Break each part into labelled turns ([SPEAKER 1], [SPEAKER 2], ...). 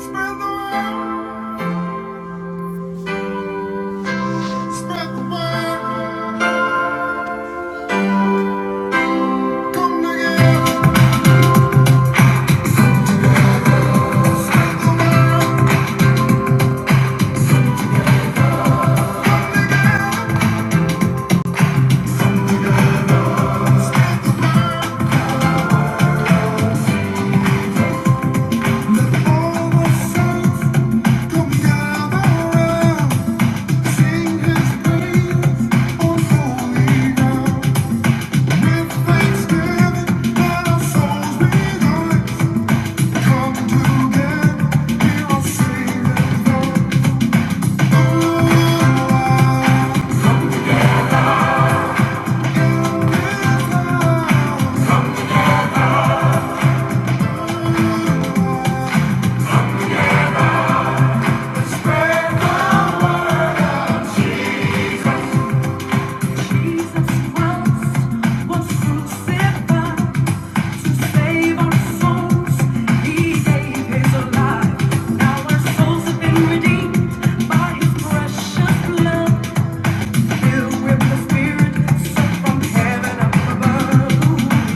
[SPEAKER 1] Spread the word, spread the word, come together, come around. All the saints, come gather around. Sing his praise on holy ground. With thanksgiving, let our souls be Come together, hear our Savior's voice. Oh, our Jesus Christ was crucified.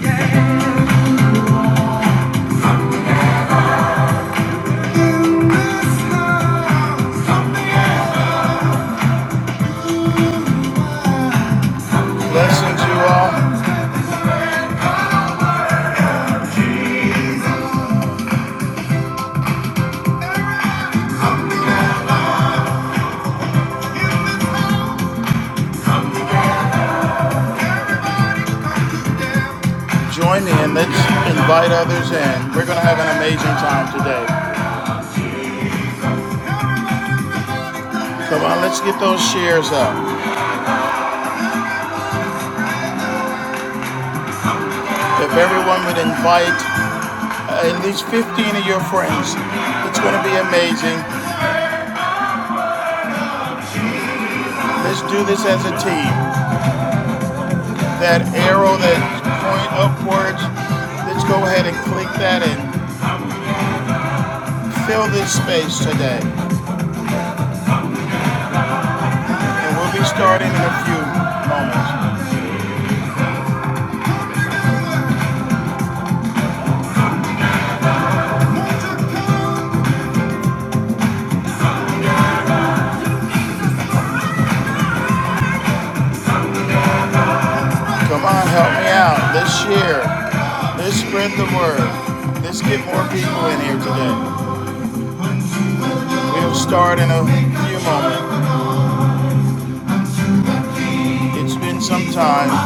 [SPEAKER 1] Yeah. Blessings, you all. Join in. Let's invite others in. We're going to have an amazing time today. Come on, let's get those shares up. If everyone would invite Uh, at least 15 of your friends. It's going to be amazing. Let's do this as a team. That arrow, that point upwards, let's go ahead and click that and fill this space today. And we'll be starting in a few moments. Come on, help me out. Let's share. Let's spread the word. Let's get more people in here today. We'll start in a few moments. It's been some time.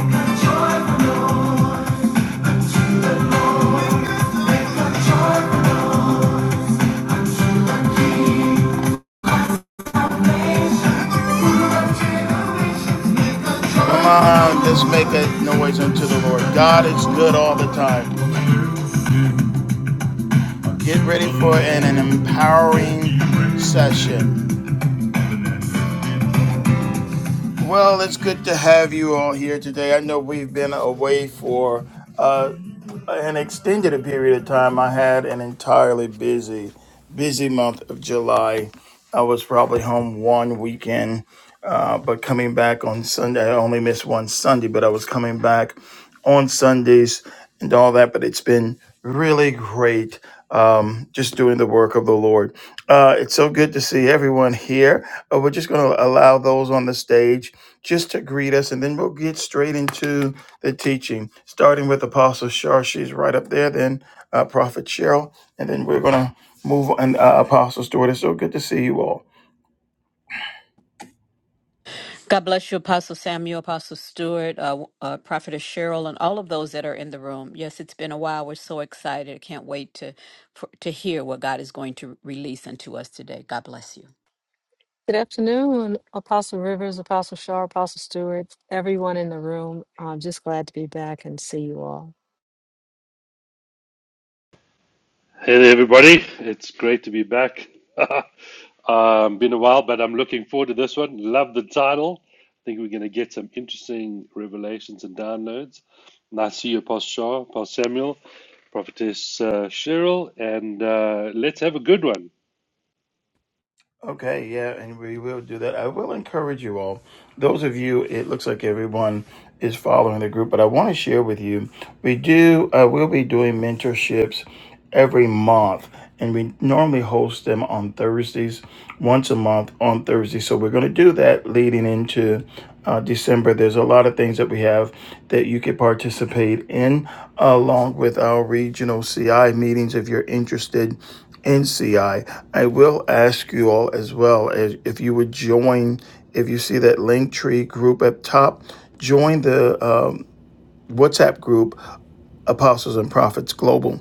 [SPEAKER 1] Come on, just make a noise unto the Lord. God is good all the time. Get ready for an, an empowering session. Well, it's good to have you all here today. I know we've been away for uh, an extended period of time. I had an entirely busy, busy month of July. I was probably home one weekend, uh, but coming back on Sunday, I only missed one Sunday, but I was coming back. on Sundays and all that, but it's been really great um, just doing the work of the Lord. Uh, it's so good to see everyone here. Uh, we're just going to allow those on the stage just to greet us, and then we'll get straight into the teaching, starting with Apostle Shar. She's right up there, then uh, Prophet Cheryl, and then we're going to move on. Uh, Apostle Stewart, it's so good to see you all.
[SPEAKER 2] God bless you, Apostle Samuel, Apostle Stewart, uh, uh, Prophetess Cheryl, and all of those that are in the room. Yes, it's been a while. We're so excited. Can't wait to for, to hear what God is going to release unto us today. God bless you.
[SPEAKER 3] Good afternoon, Apostle Rivers, Apostle Shaw, Apostle Stewart, everyone in the room. I'm just glad to be back and see you all.
[SPEAKER 4] Hey there, everybody. It's great to be back. um, been a while, but I'm looking forward to this one. Love the title. I think we're going to get some interesting revelations and downloads. Nice to see you, Apostle Shah, Apostle Samuel, Prophetess uh, Cheryl, and uh, let's have a good one.
[SPEAKER 1] Okay, yeah, and we will do that. I will encourage you all. Those of you, it looks like everyone is following the group, but I want to share with you. We do. Uh, we'll be doing mentorships every month, and we normally host them on Thursdays, once a month on Thursday. So we're going to do that leading into uh, December. There's a lot of things that we have that you could participate in, along with our regional CI meetings if you're interested NCI. I I will ask you all as well as if you would join, if you see that link tree group up top, join the um, WhatsApp group Apostles and Prophets Global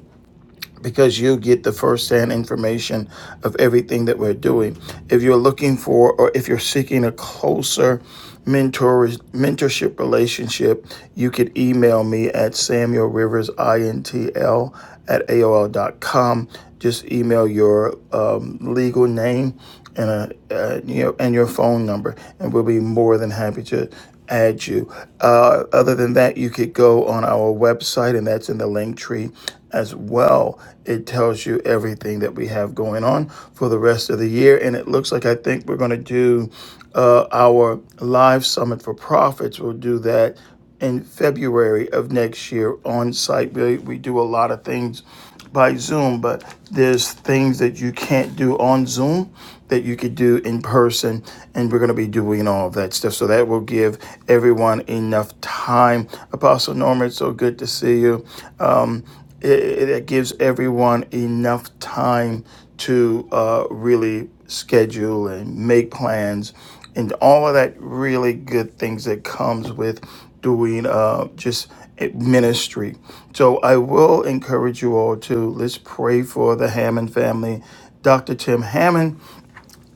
[SPEAKER 1] because you get the first-hand information of everything that we're doing. If you're looking for, or if you're seeking a closer mentor mentorship relationship, you could email me at Samuel Rivers INTL at A O L dot com. Just email your um, legal name and a, uh, you know, and your phone number, and we'll be more than happy to at you. Uh, other than that, you could go on our website, and that's in the link tree as well. It tells you everything that we have going on for the rest of the year. And it looks like I think we're going to do uh, our live summit for profits. We'll do that in February of next year on site. We, we do a lot of things by Zoom, but there's things that you can't do on Zoom that you could do in person, and we're going to be doing all that stuff. So that will give everyone enough time. Apostle Norman, it's so good to see you. Um, it, it gives everyone enough time to uh, really schedule and make plans and all of that really good things that comes with doing uh, just eh, ministry so i will encourage you all to let's pray for the hammond family dr tim hammond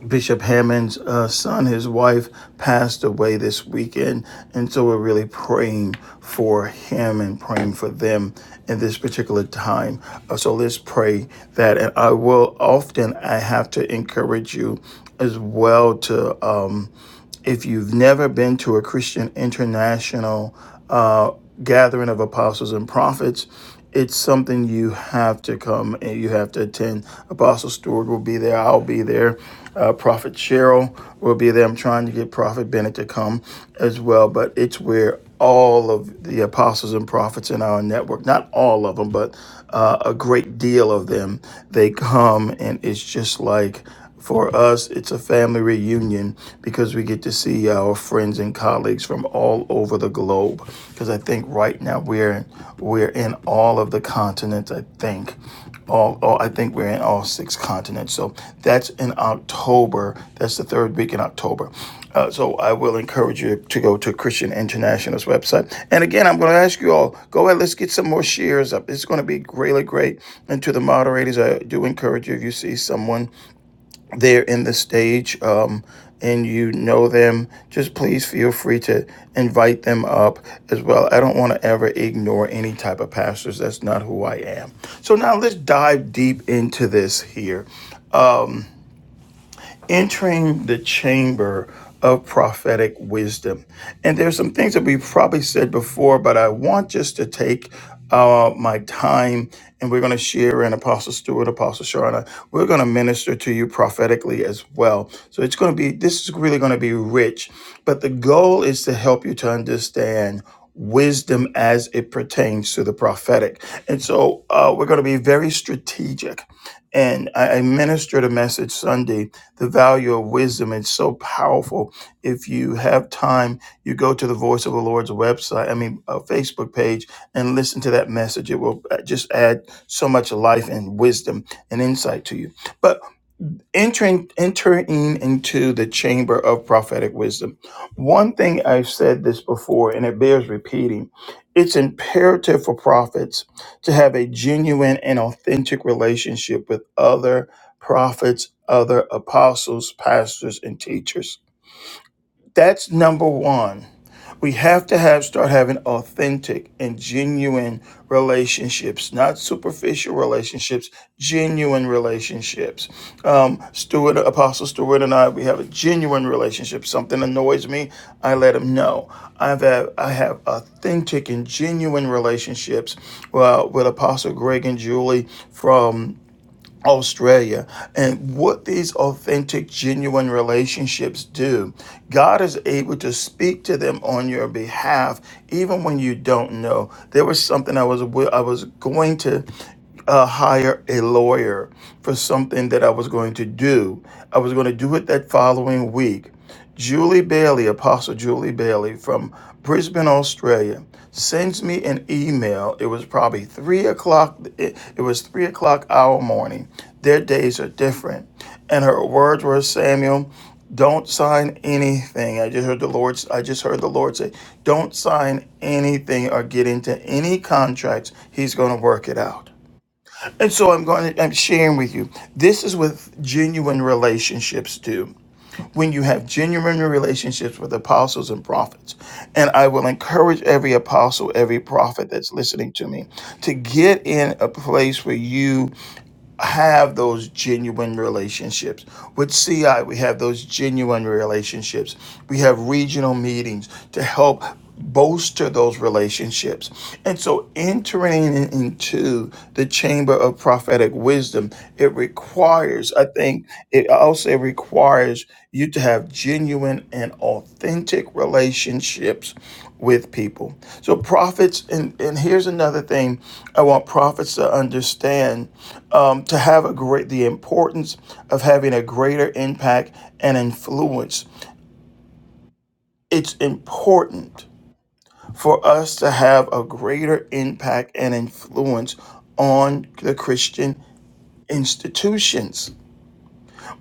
[SPEAKER 1] Bishop Hammond's uh, son, his wife, passed away this weekend. And so we're really praying for him and praying for them in this particular time. Uh, so let's pray that. And I will often, I have to encourage you as well to. Um, if you've never been to a Christian international uh, gathering of apostles and prophets, it's something you have to come and you have to attend. Apostle Stewart will be there. I'll be there. Uh, Prophet Cheryl will be there. I'm trying to get Prophet Bennett to come as well, but it's where all of the apostles and prophets in our network, not all of them, but uh, a great deal of them, they come and it's just like for us, it's a family reunion because we get to see our friends and colleagues from all over the globe. Because I think right now we're we're in all of the continents. I think all, all I think we're in all six continents. So that's in October. That's the third week in October. Uh, so I will encourage you to go to Christian International's website. And again, I'm going to ask you all go ahead. Let's get some more shares up. It's going to be really great. And to the moderators, I do encourage you if you see someone there in the stage um, and you know them, just please feel free to invite them up as well. I don't want to ever ignore any type of pastors. That's not who I am. So now let's dive deep into this here entering the chamber of prophetic wisdom. And there's some things that we've probably said before, but I want just to take uh, my time and we're going to share and Apostle Stewart, Apostle Sharana, we're going to minister to you prophetically as well. So it's going to be, this is really going to be rich, but the goal is to help you to understand wisdom as it pertains to the prophetic. And so uh, we're going to be very strategic. And I, I ministered a message Sunday, The Value of Wisdom. It's so powerful. If you have time, you go to the Voice of the Lord's website, I mean, uh, Facebook page, and listen to that message. It will uh, just add so much life and wisdom and insight to you. But entering entering into the chamber of prophetic wisdom one thing i've said this before and it bears repeating it's imperative for prophets to have a genuine and authentic relationship with other prophets other apostles pastors and teachers that's number 1 we have to have start having authentic and genuine relationships, not superficial relationships, genuine relationships. Um, Stuart, Apostle Stuart, and I, we have a genuine relationship. Something annoys me, I let him know. I've had, I have authentic and genuine relationships uh, with Apostle Greg and Julie from Australia. And what these authentic, genuine relationships do, God is able to speak to them on your behalf, even when you don't know. There was something I was I was going to uh, hire a lawyer for something that I was going to do. I was going to do it that following week. Julie Bailey, Apostle Julie Bailey from Brisbane, Australia, sends me an email. It was probably three o'clock. It, it was three o'clock our morning. Their days are different, and her words were, "Samuel, don't sign anything." I just heard the Lord. I just heard the Lord say, "Don't sign anything or get into any contracts. He's going to work it out." And so I'm going. To, I'm sharing with you. This is what genuine relationships do when you have genuine relationships with apostles and prophets. And I will encourage every apostle, every prophet that's listening to me to get in a place where you have those genuine relationships. With CI, we have those genuine relationships. We have regional meetings to help bolster those relationships. And so entering into the chamber of prophetic wisdom, it requires, I think, it also requires you to have genuine and authentic relationships with people. So prophets, and, and here's another thing I want prophets to understand, um, to have a great the importance of having a greater impact and influence. It's important for us to have a greater impact and influence on the Christian institutions.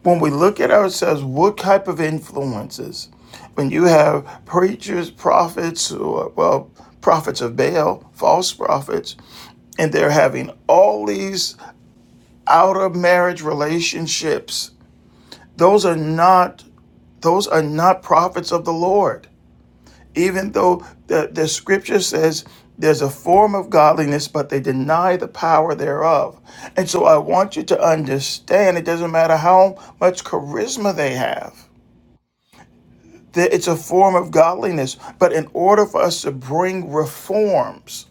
[SPEAKER 1] When we look at ourselves, what type of influences? When you have preachers, prophets, or well, prophets of Baal, false prophets, and they're having all these out of marriage relationships those are not those are not prophets of the lord even though the, the scripture says there's a form of godliness but they deny the power thereof and so i want you to understand it doesn't matter how much charisma they have that it's a form of godliness but in order for us to bring reforms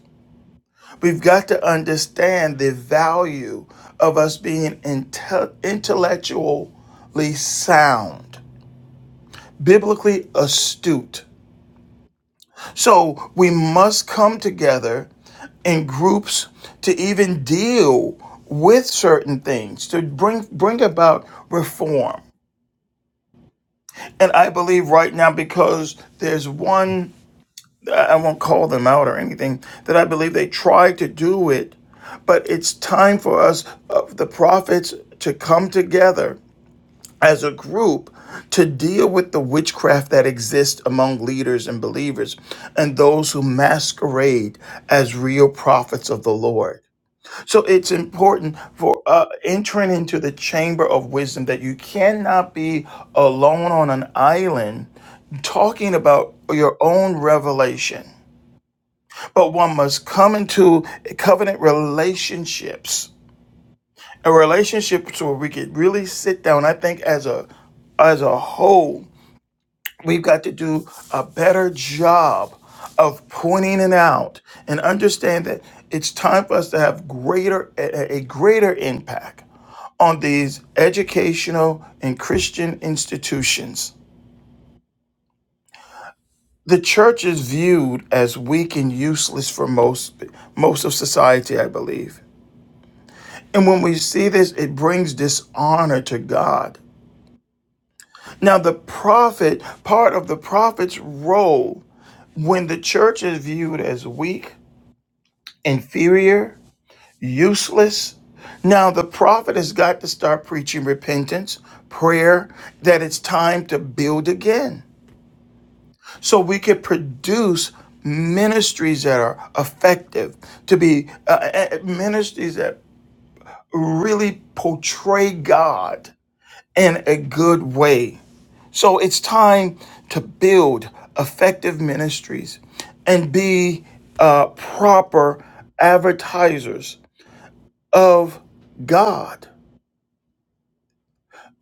[SPEAKER 1] We've got to understand the value of us being inte- intellectually sound, biblically astute. So we must come together in groups to even deal with certain things to bring bring about reform. And I believe right now because there's one I won't call them out or anything, that I believe they tried to do it. But it's time for us, uh, the prophets, to come together as a group to deal with the witchcraft that exists among leaders and believers and those who masquerade as real prophets of the Lord. So it's important for uh, entering into the chamber of wisdom that you cannot be alone on an island talking about your own revelation but one must come into covenant relationships, a relationship where we could really sit down. I think as a as a whole, we've got to do a better job of pointing it out and understand that it's time for us to have greater a a- a greater impact on these educational and Christian institutions. The church is viewed as weak and useless for most most of society, I believe. And when we see this, it brings dishonor to God. Now, the prophet, part of the prophet's role when the church is viewed as weak, inferior, useless, now the prophet has got to start preaching repentance, prayer, that it's time to build again. So we could produce ministries that are effective, to be uh, uh, uh, ministries that really portray God in a good way. So it's time to build effective ministries and be uh, proper advertisers of God.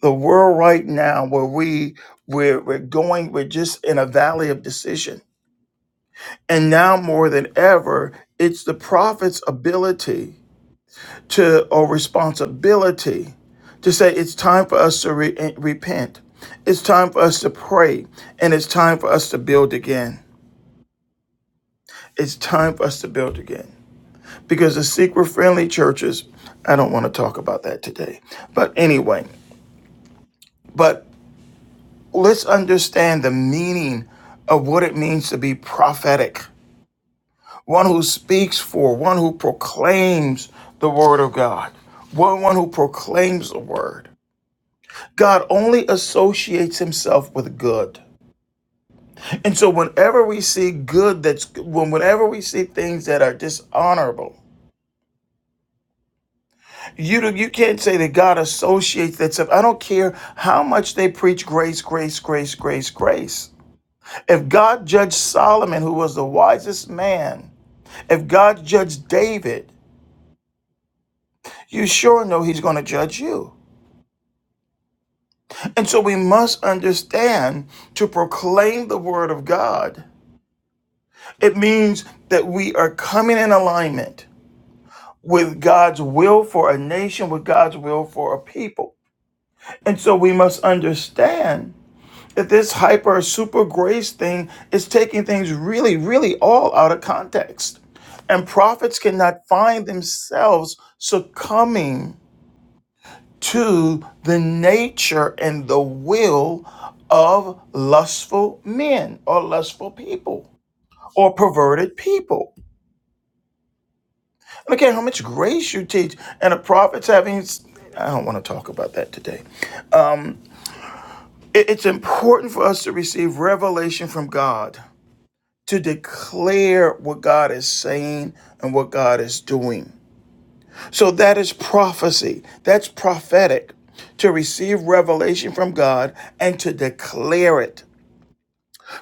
[SPEAKER 1] The world right now, where we we're, we're going, we're just in a valley of decision, and now more than ever, it's the prophet's ability to or responsibility to say it's time for us to re- eh, repent, it's time for us to pray, and it's time for us to build again. It's time for us to build again. Because the seeker friendly churches, I don't want to talk about that today. But anyway, but let's understand the meaning of what it means to be prophetic one who speaks for, one who proclaims the word of God, one, one who proclaims the word. God only associates himself with good. And so whenever we see good that's when whenever we see things that are dishonorable, You do, you can't say that God associates that stuff. I don't care how much they preach grace, grace, grace, grace, grace. If God judged Solomon, who was the wisest man, if God judged David, you sure know he's going to judge you. And so we must understand to proclaim the word of God. It means that we are coming in alignment with God's will for a nation, with God's will for a people. And so we must understand that this hyper super grace thing is taking things really, really all out of context. And prophets cannot find themselves succumbing to the nature and the will of lustful men or lustful people or perverted people. And again, how much grace you teach, and a prophet's having. I don't want to talk about that today. Um, it- it's important for us to receive revelation from God to declare what God is saying and what God is doing. So that is prophecy. That's prophetic to receive revelation from God and to declare it.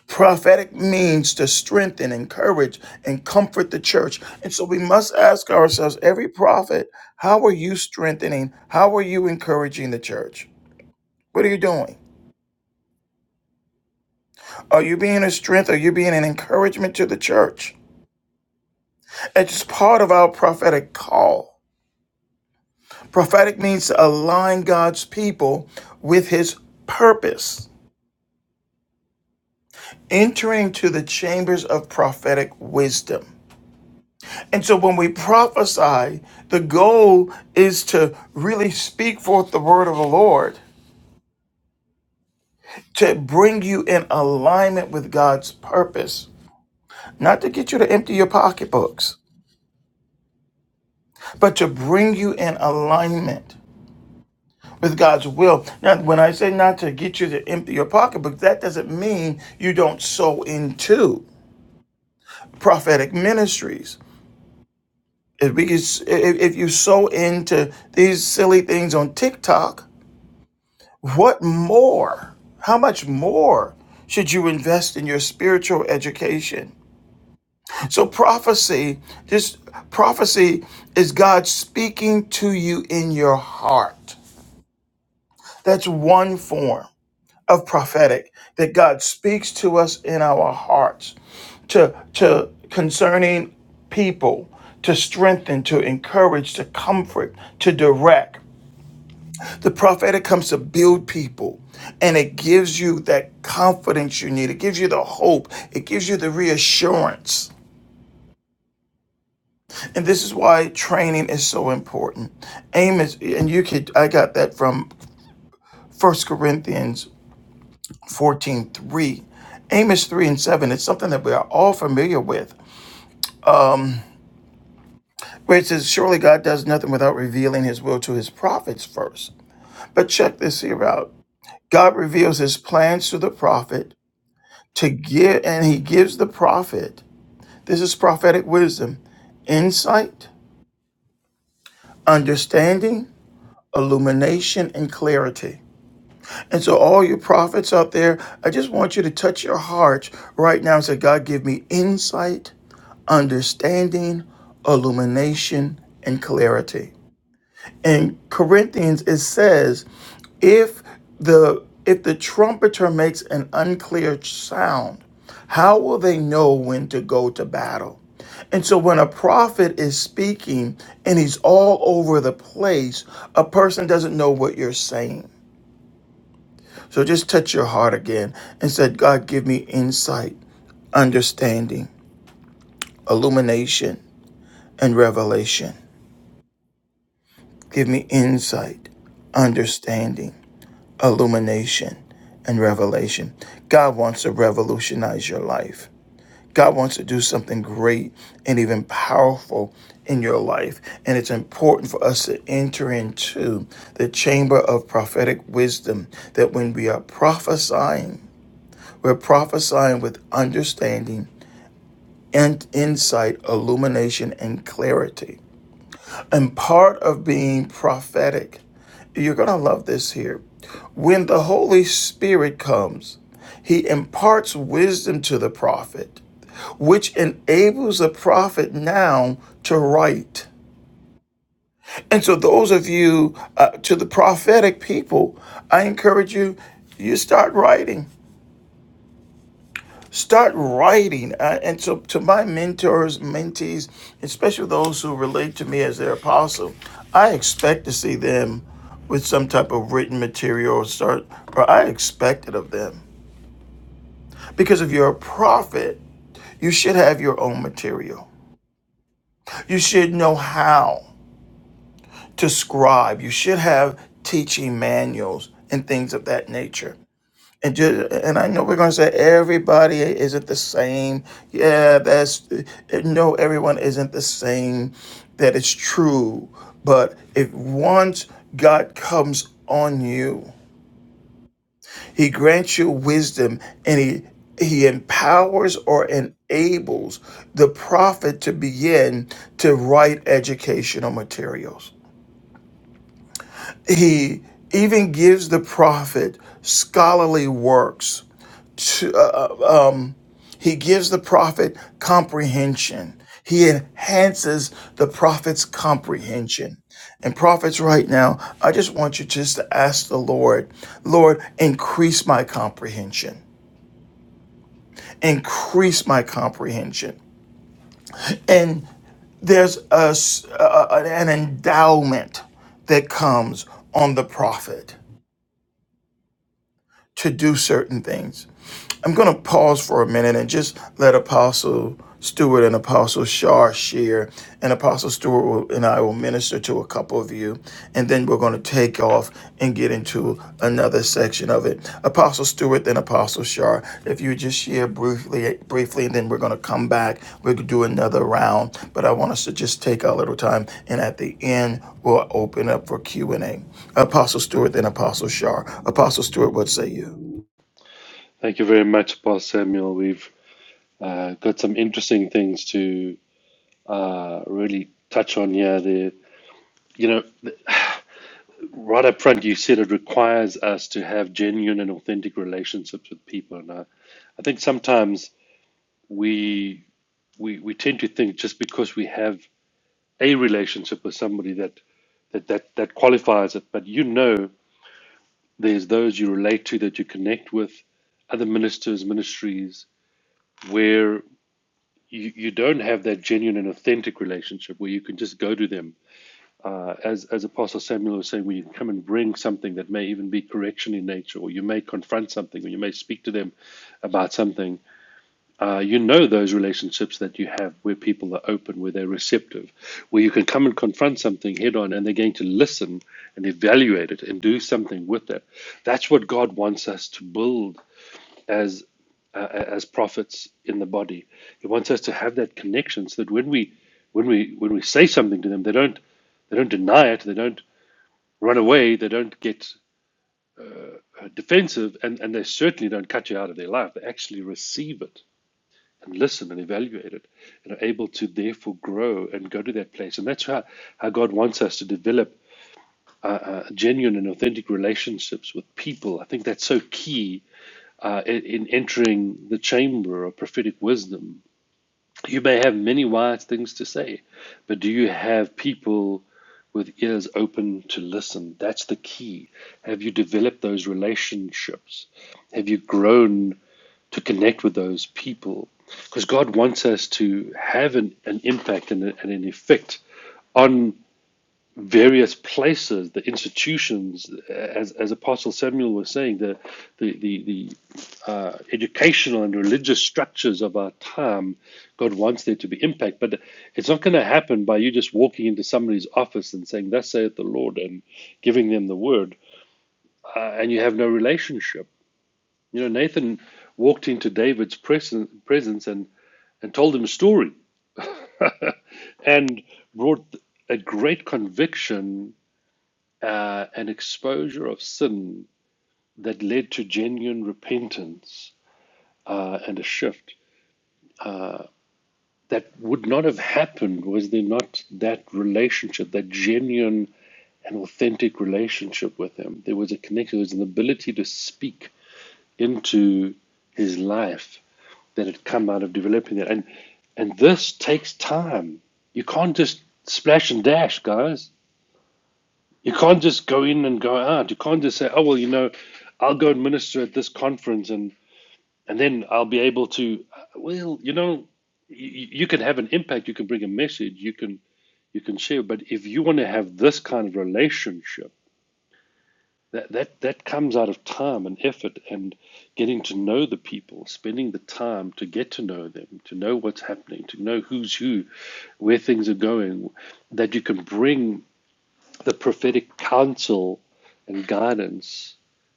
[SPEAKER 1] Prophetic means to strengthen, encourage, and comfort the church. And so we must ask ourselves every prophet, how are you strengthening? How are you encouraging the church? What are you doing? Are you being a strength? Are you being an encouragement to the church? It's part of our prophetic call Prophetic means to align God's people with his purpose, entering to the chambers of prophetic wisdom. And so when we prophesy, the goal is to really speak forth the word of the Lord to bring you in alignment with God's purpose, not to get you to empty your pocketbooks, but to bring you in alignment with God's will. Now, when I say not to get you to empty your pocketbook, that doesn't mean you don't sow into. prophetic ministries. If we could, if, you so into these silly things on TikTok, what more? How much more should you invest in your spiritual education? So prophecy, just prophecy is God speaking to you in your heart. That's one form of prophetic that God speaks to us in our hearts. to to concerning people to strengthen to encourage to comfort to direct the prophetic comes to build people and it gives you that confidence you need it gives you the hope it gives you the reassurance and this is why training is so important amos and you could i got that from First corinthians 14 3, Amos 3 and 7 It's something that we are all familiar with. where it says, Surely God does nothing without revealing his will to his prophets first. But check this here out God reveals his plans to the prophet to give, and he gives the prophet, this is prophetic wisdom, insight, understanding, illumination, and clarity. And so, all you prophets out there, I just want you to touch your hearts right now and say, God, give me insight, understanding, illumination, and clarity. in Corinthians it says if the if the trumpeter makes an unclear sound how will they know when to go to battle and so when a prophet is speaking and he's all over the place a person doesn't know what you're saying so just touch your heart again and said god give me insight understanding illumination and revelation give me insight understanding illumination and revelation. God wants to revolutionize your life. God wants to do something great and even powerful in your life. And it's important for us to enter into the chamber of prophetic wisdom that when we are prophesying, we're prophesying with understanding and insight, illumination, and clarity. And part of being prophetic, you're going to love this here. When the Holy Spirit comes, he imparts wisdom to the prophet, which enables the prophet now to write. And so, those of you uh, to the prophetic people, I encourage you, you start writing. Start writing. Uh, and so, to my mentors, mentees, especially those who relate to me as their apostle, I expect to see them with some type of written material or start, or I expect it of them. Because if you're a prophet, you should have your own material. You should know how to scribe. You should have teaching manuals and things of that nature. And just, and I know we're gonna say everybody isn't the same. Yeah, that's no, everyone isn't the same. That is true. But if once God comes on you, He grants you wisdom, and He He empowers or enables the prophet to begin to write educational materials. He even gives the prophet scholarly works to, uh, uh, um, he gives the prophet comprehension. He enhances the prophet's comprehension. And prophets, right now, I just want you just to ask the Lord, Lord, increase my comprehension. Increase my comprehension. And there's a, s- a- an endowment that comes on the prophet to do certain things. I'm going to pause for a minute and just let Apostle Stewart and Apostle Shaw share, and Apostle Stewart will, and I will minister to a couple of you, and then we're going to take off and get into another section of it. Apostle Stewart, then Apostle Shaw. If you just share briefly, briefly, and then we're going to come back. We'll do another round, but I want us to just take a little time, and at the end we'll open up for Q and A. Apostle Stewart, then Apostle Shaw. Apostle Stewart, what say you?
[SPEAKER 4] Thank you very much, Apostle Samuel. We've uh, got some interesting things to uh, really touch on here. There, you know, Right up front, you said it requires us to have genuine and authentic relationships with people, and I, I think sometimes we, we we tend to think just because we have a relationship with somebody that that that, that qualifies it, but you know, there's those you relate to that you connect with, other ministers, ministries, where you, you don't have that genuine and authentic relationship where you can just go to them as as Apostle Samuel was saying, when you come and bring something that may even be correction in nature, or you may confront something, or you may speak to them about something, uh, you know those relationships that you have where people are open, where they're receptive, where you can come and confront something head on, and they're going to listen and evaluate it and do something with that. That's what God wants us to build as uh, as prophets in the body. He wants us to have that connection so that when we when we when we say something to them, they don't they don't deny it. They don't run away, they don't get uh, defensive, and, and they certainly don't cut you out of their life. They actually receive it and listen and evaluate it and are able to therefore grow and go to that place. And that's how, how God wants us to develop uh, uh, genuine and authentic relationships with people. I think that's so key uh, in, in entering the chamber of prophetic wisdom You may have many wise things to say, but do you have people with ears open to listen? That's the key. Have you developed those relationships? Have you grown to connect with those people? Because God wants us to have an, an impact and, a- and an effect on various places, the institutions, as, as Apostle Samuel was saying, the, the, the, the uh, educational and religious structures of our time, God wants there to be impact. But it's not going to happen by you just walking into somebody's office and saying, Thus saith the Lord, and giving them the word, uh, and you have no relationship. You know, Nathan walked into David's presen- presence and, and told him a story and brought a great conviction uh, an exposure of sin that led to genuine repentance uh, and a shift that would not have happened was there not that relationship, that genuine and authentic relationship with Him. There was a connection, there was an ability to speak into His life that had come out of developing that. And and this takes time. You can't just splash and dash, guys. You can't just go in and go out. You can't just say, "Oh well, you know, I'll go and minister at this conference, and and then I'll be able to." Well, you know, you, you can have an impact. You can bring a message. You can you can share. But if you want to have this kind of relationship, that that that comes out of time and effort and getting to know the people, spending the time to get to know them, to know what's happening, to know who's who, where things are going, that you can bring the prophetic counsel and guidance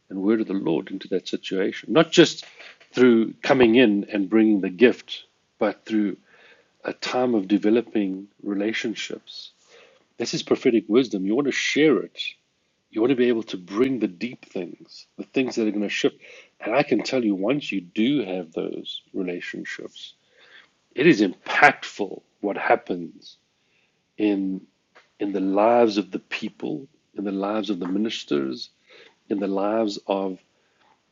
[SPEAKER 4] and word of the Lord into that situation. Not just through coming in and bringing the gift, but through a time of developing relationships. This is prophetic wisdom. You want to share it. You want to be able to bring the deep things, the things that are going to shift. And I can tell you, once you do have those relationships, it is impactful what happens in in the lives of the people, in the lives of the ministers, in the lives of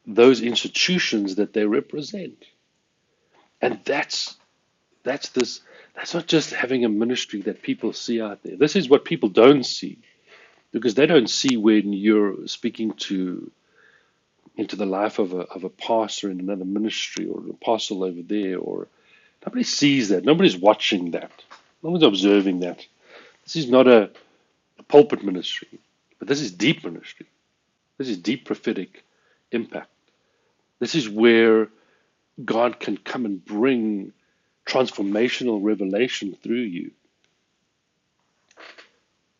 [SPEAKER 4] those institutions that they represent. And that's that's this that's not just having a ministry that people see out there. This is what people don't see because they don't see when you're speaking to into the life of a of a pastor in another ministry or an apostle over there or nobody sees that. Nobody's watching that. No one's observing that. This is not a, a pulpit ministry, but this is deep ministry This is deep prophetic impact. This is where God can come and bring transformational revelation through you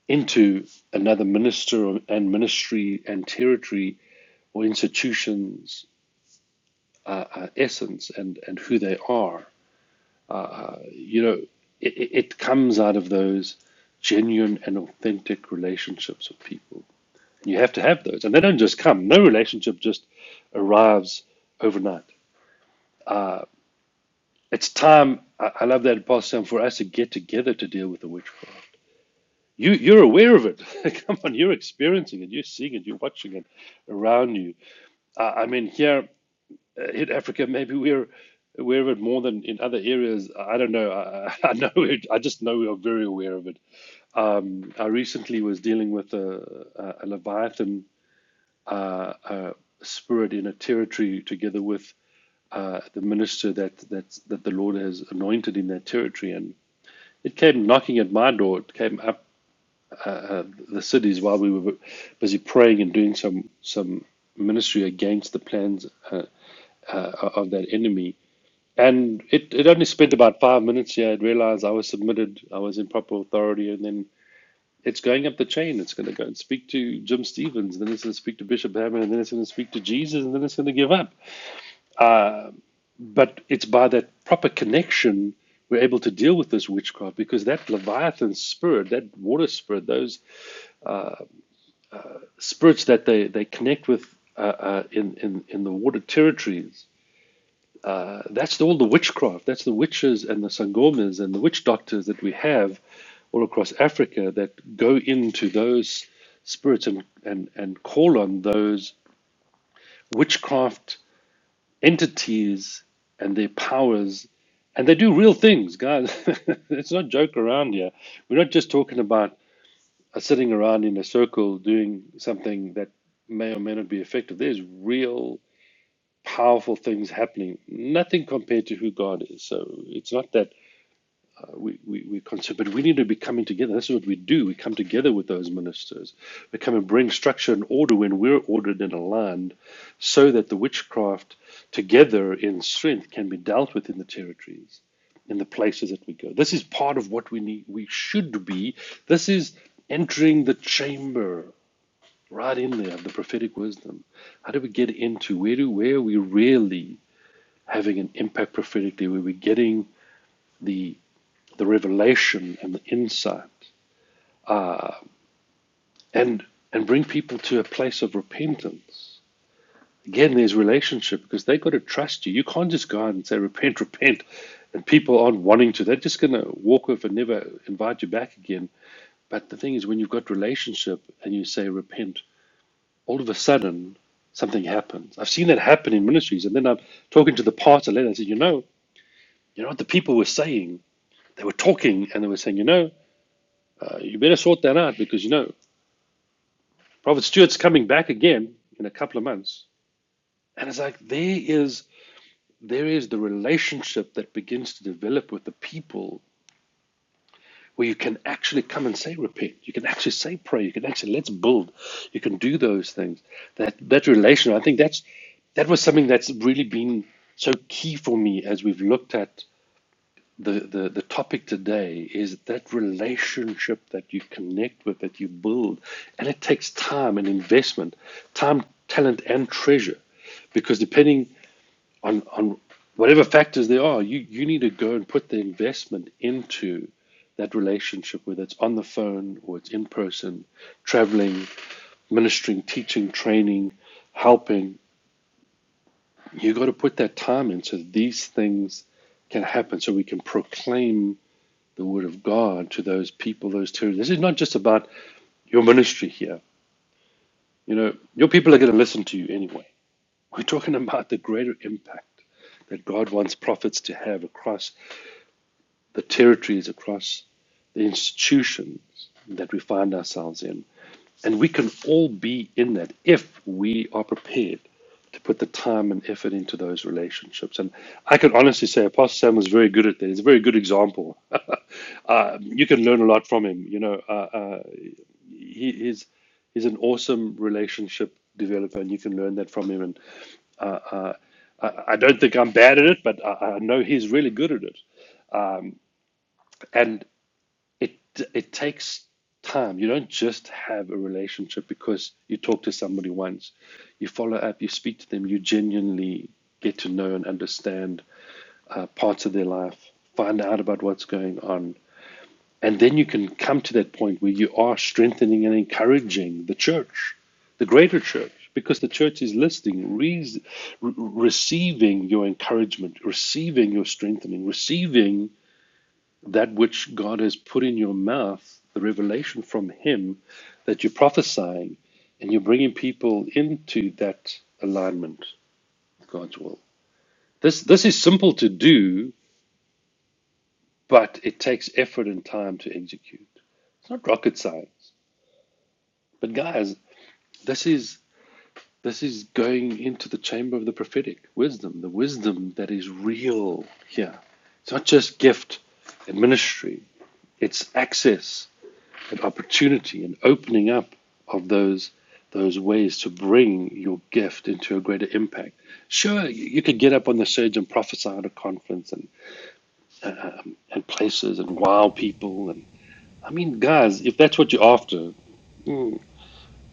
[SPEAKER 4] into another minister and ministry and territory or institution's uh, uh, essence and, and who they are. You know, it, it it comes out of those genuine and authentic relationships with people. You have to have those. And they don't just come, no relationship just arrives overnight It's time. I, I love that, Apostle, for us to get together to deal with the witchcraft. You, you're aware of it. Come on, you're experiencing it. You're seeing it. You're watching it around you. Uh, I mean, here uh, in Africa, maybe we're aware of it more than in other areas. I don't know. I, I know. It, I just know we are very aware of it. Um, I recently was dealing with a, a, a leviathan uh, spirit in a territory, together with uh, the minister that that that the Lord has anointed in that territory, and It came knocking at my door. It came up the cities while we were busy praying and doing some some ministry against the plans uh, uh, of that enemy. And it, it only spent about five minutes here. It realized I was submitted, I was in proper authority, and then it's going up the chain. It's going to go and speak to Jim Stevens, then it's going to speak to Bishop Hammond, and then it's going to speak to Jesus, and then it's going to give up. But it's by that proper connection we're able to deal with this witchcraft because that Leviathan spirit, that water spirit, those spirits that they, they connect with uh, uh, in, in, in the water territories. Uh, That's all the witchcraft. That's the witches and the sangomas and the witch doctors that we have all across Africa that go into those spirits and, and, and call on those witchcraft entities and their powers. And they do real things, guys. it's not joke around here. We're not just talking about uh, sitting around in a circle doing something that may or may not be effective. There's real powerful things happening. Nothing compared to who God is. So it's not that we, we, we concern, but we need to be coming together. That's what we do. We come together with those ministers. We come and bring structure and order when we're ordered and aligned so that the witchcraft together in strength can be dealt with in the territories. In the places that we go, this is part of what we need. We should be. This is entering the chamber, right in there, the prophetic wisdom. How do we get into? Where do where are we really having an impact prophetically where we're getting the the revelation and the insight and and bring people to a place of repentance. Again, there's relationship because they've got to trust you. You can't just go out and say, repent, repent, and people aren't wanting to. They're just going to walk off and never invite you back again. But the thing is, when you've got relationship and you say, repent, all of a sudden something happens. I've seen that happen in ministries. And then I'm talking to the pastor later. I said, you know, you know what the people were saying? They were talking and they were saying, you know, Uh, you better sort that out because you know Prophet Stuart's coming back again in a couple of months, and it's like there is there is the relationship that begins to develop with the people where you can actually come and say repent, you can actually say pray, you can actually let's build, you can do those things. That that relation, I think that's that was something that's really been so key for me as we've looked at the, the, the topic today is that relationship that you connect with, that you build. And it takes time and investment, time, talent, and treasure. Because depending on, on whatever factors there are, you, you need to go and put the investment into that relationship, whether it's on the phone or it's in person, traveling, ministering, teaching, training, helping. You've got to put that time in so these things can happen, so we can proclaim the word of God to those people, those territories. This is not just about your ministry here. You know, your people are going to listen to you anyway. We're talking about the greater impact that God wants prophets to have across the territories, across the institutions that we find ourselves in. And we can all be in that if we are prepared to put the time and effort into those relationships. And I can honestly say Apostle Sam was very good at that. He's a very good example. uh, you can learn a lot from him. You know, he is he's an awesome relationship developer, and you can learn that from him. And uh, uh, I, I don't think I'm bad at it, but I, I know he's really good at it. And it it takes time. You don't just have a relationship because you talk to somebody once. You follow up. You speak to them. You genuinely get to know and understand uh, parts of their life. Find out about what's going on And then you can come to that point where you are strengthening and encouraging the church, the greater church, because the church is listening, re- re- receiving your encouragement, receiving your strengthening, receiving that which God has put in your mouth, the revelation from Him that you're prophesying, and you're bringing people into that alignment with God's will. This, this is simple to do, but it takes effort and time to execute. It's not rocket science. But guys, This is this is going into the chamber of the prophetic wisdom, the wisdom that is real here. It's not just gift and ministry, it's access and opportunity and opening up of those those ways to bring your gift into a greater impact. Sure, you could get up on the stage and prophesy at a conference and, and places and wow people and I mean guys, if that's what you're after,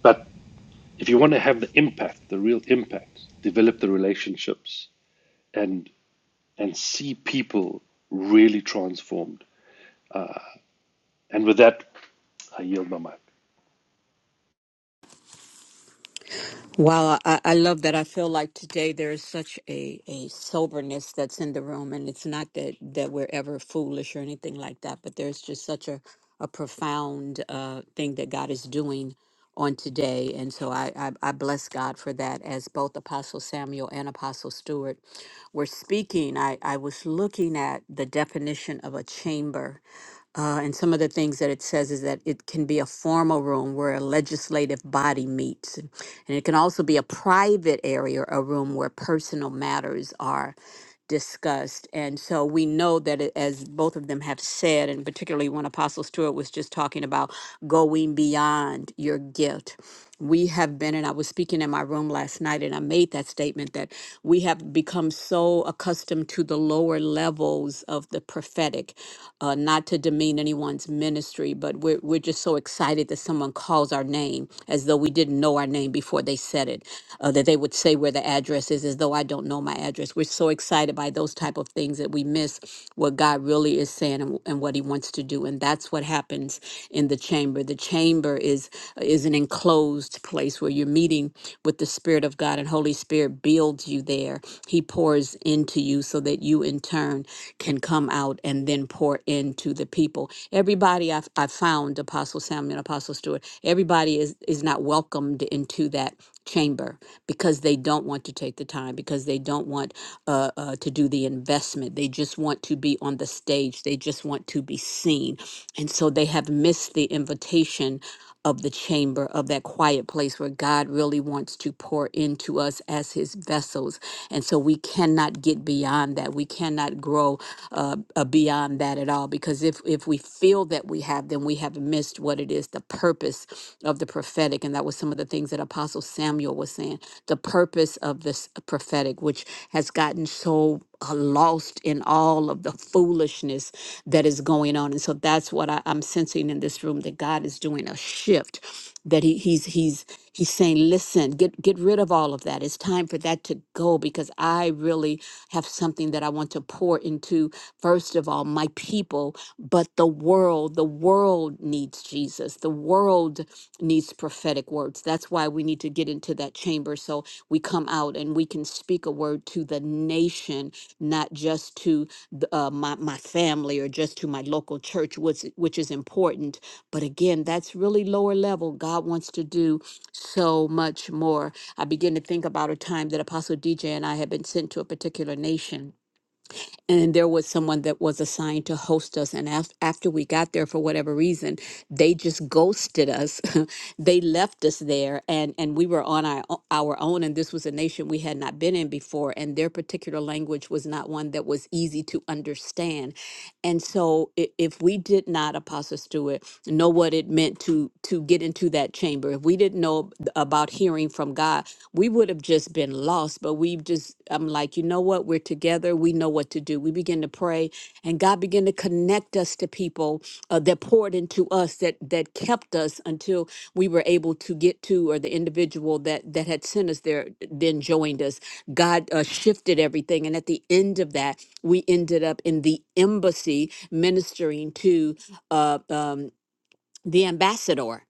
[SPEAKER 4] but if you want to have the impact, the real impact, develop the relationships and and see people really transformed. And with that, I yield my mic.
[SPEAKER 2] Wow, I, I love that. I feel like today there is such a, a soberness that's in the room, and it's not that, that we're ever foolish or anything like that, but there's just such a, a profound uh, thing that God is doing on today. And so I, I, I bless God for that as both Apostle Samuel and Apostle Stewart were speaking. I, I was looking at the definition of a chamber uh, and some of the things that it says is that it can be a formal room where a legislative body meets. And it can also be a private area, a room where personal matters are discussed. And so we know that it- as both of them have said, and particularly when Apostle Stewart was just talking about going beyond your gift. We have been, and I was speaking in my room last night, and I made that statement that we have become so accustomed to the lower levels of the prophetic, uh, not to demean anyone's ministry, but we're, we're just so excited that someone calls our name name as though we didn't know our name before they said it, uh, that they would say where the address is as though I don't know my address. We're so excited by those type of things that we miss what God really is saying and, and what He wants to do, and that's what happens in the chamber. The chamber is is an enclosed place where you're meeting with the Spirit of God, and Holy Spirit builds you there. He pours into you so that you in turn can come out and then pour into the people. Everybody I've, I've found, Apostle Samuel and Apostle Stewart, everybody is, is not welcomed into that chamber because they don't want to take the time, because they don't want uh, uh, to do the investment. They just want to be on the stage, they just want to be seen. And so they have missed the invitation of the chamber, of that quiet place where God really wants to pour into us as his vessels. And so we cannot get beyond that. We cannot grow uh, uh, beyond that at all because if, if we feel that we have, then we have missed what it is the purpose of the prophetic. And that was some of the things that Apostle Samuel was saying the purpose of this prophetic, which has gotten so uh, lost in all of the foolishness that is going on. And so that's what I, I'm sensing in this room that God is doing a shift. That he, he's he's he's saying, listen, get get rid of all of that. It's time for that to go because I really have something that I want to pour into first of all my people, but the world. The world needs Jesus. The world needs prophetic words. That's why we need to get into that chamber. So we come out and we can speak a word to the nation, not just to the, uh, my, my family or just to my local church, which, which is important. But again, that's really lower level. God wants to do so much more. I begin to think about a time that Apostle DJ and I had been sent to a particular nation and there was someone that was assigned to host us and af- after we got there for whatever reason they just ghosted us they left us there and and we were on our, o- our own and this was a nation we had not been in before and their particular language was not one that was easy to understand and so i- if we didn't did not, Apostle Stewart, know what it meant to to get into that chamber, if we didn't know about hearing from God, we would have just been lost. But we've just, I'm like, you know what? We're together. We know what to do. We begin to pray, and God began to connect us to people uh, that poured into us, that that kept us until we were able to get to, or the individual that that had sent us there then joined us. God uh, shifted everything, and at the end of that, we ended up in the embassy ministering to uh, um, the ambassador.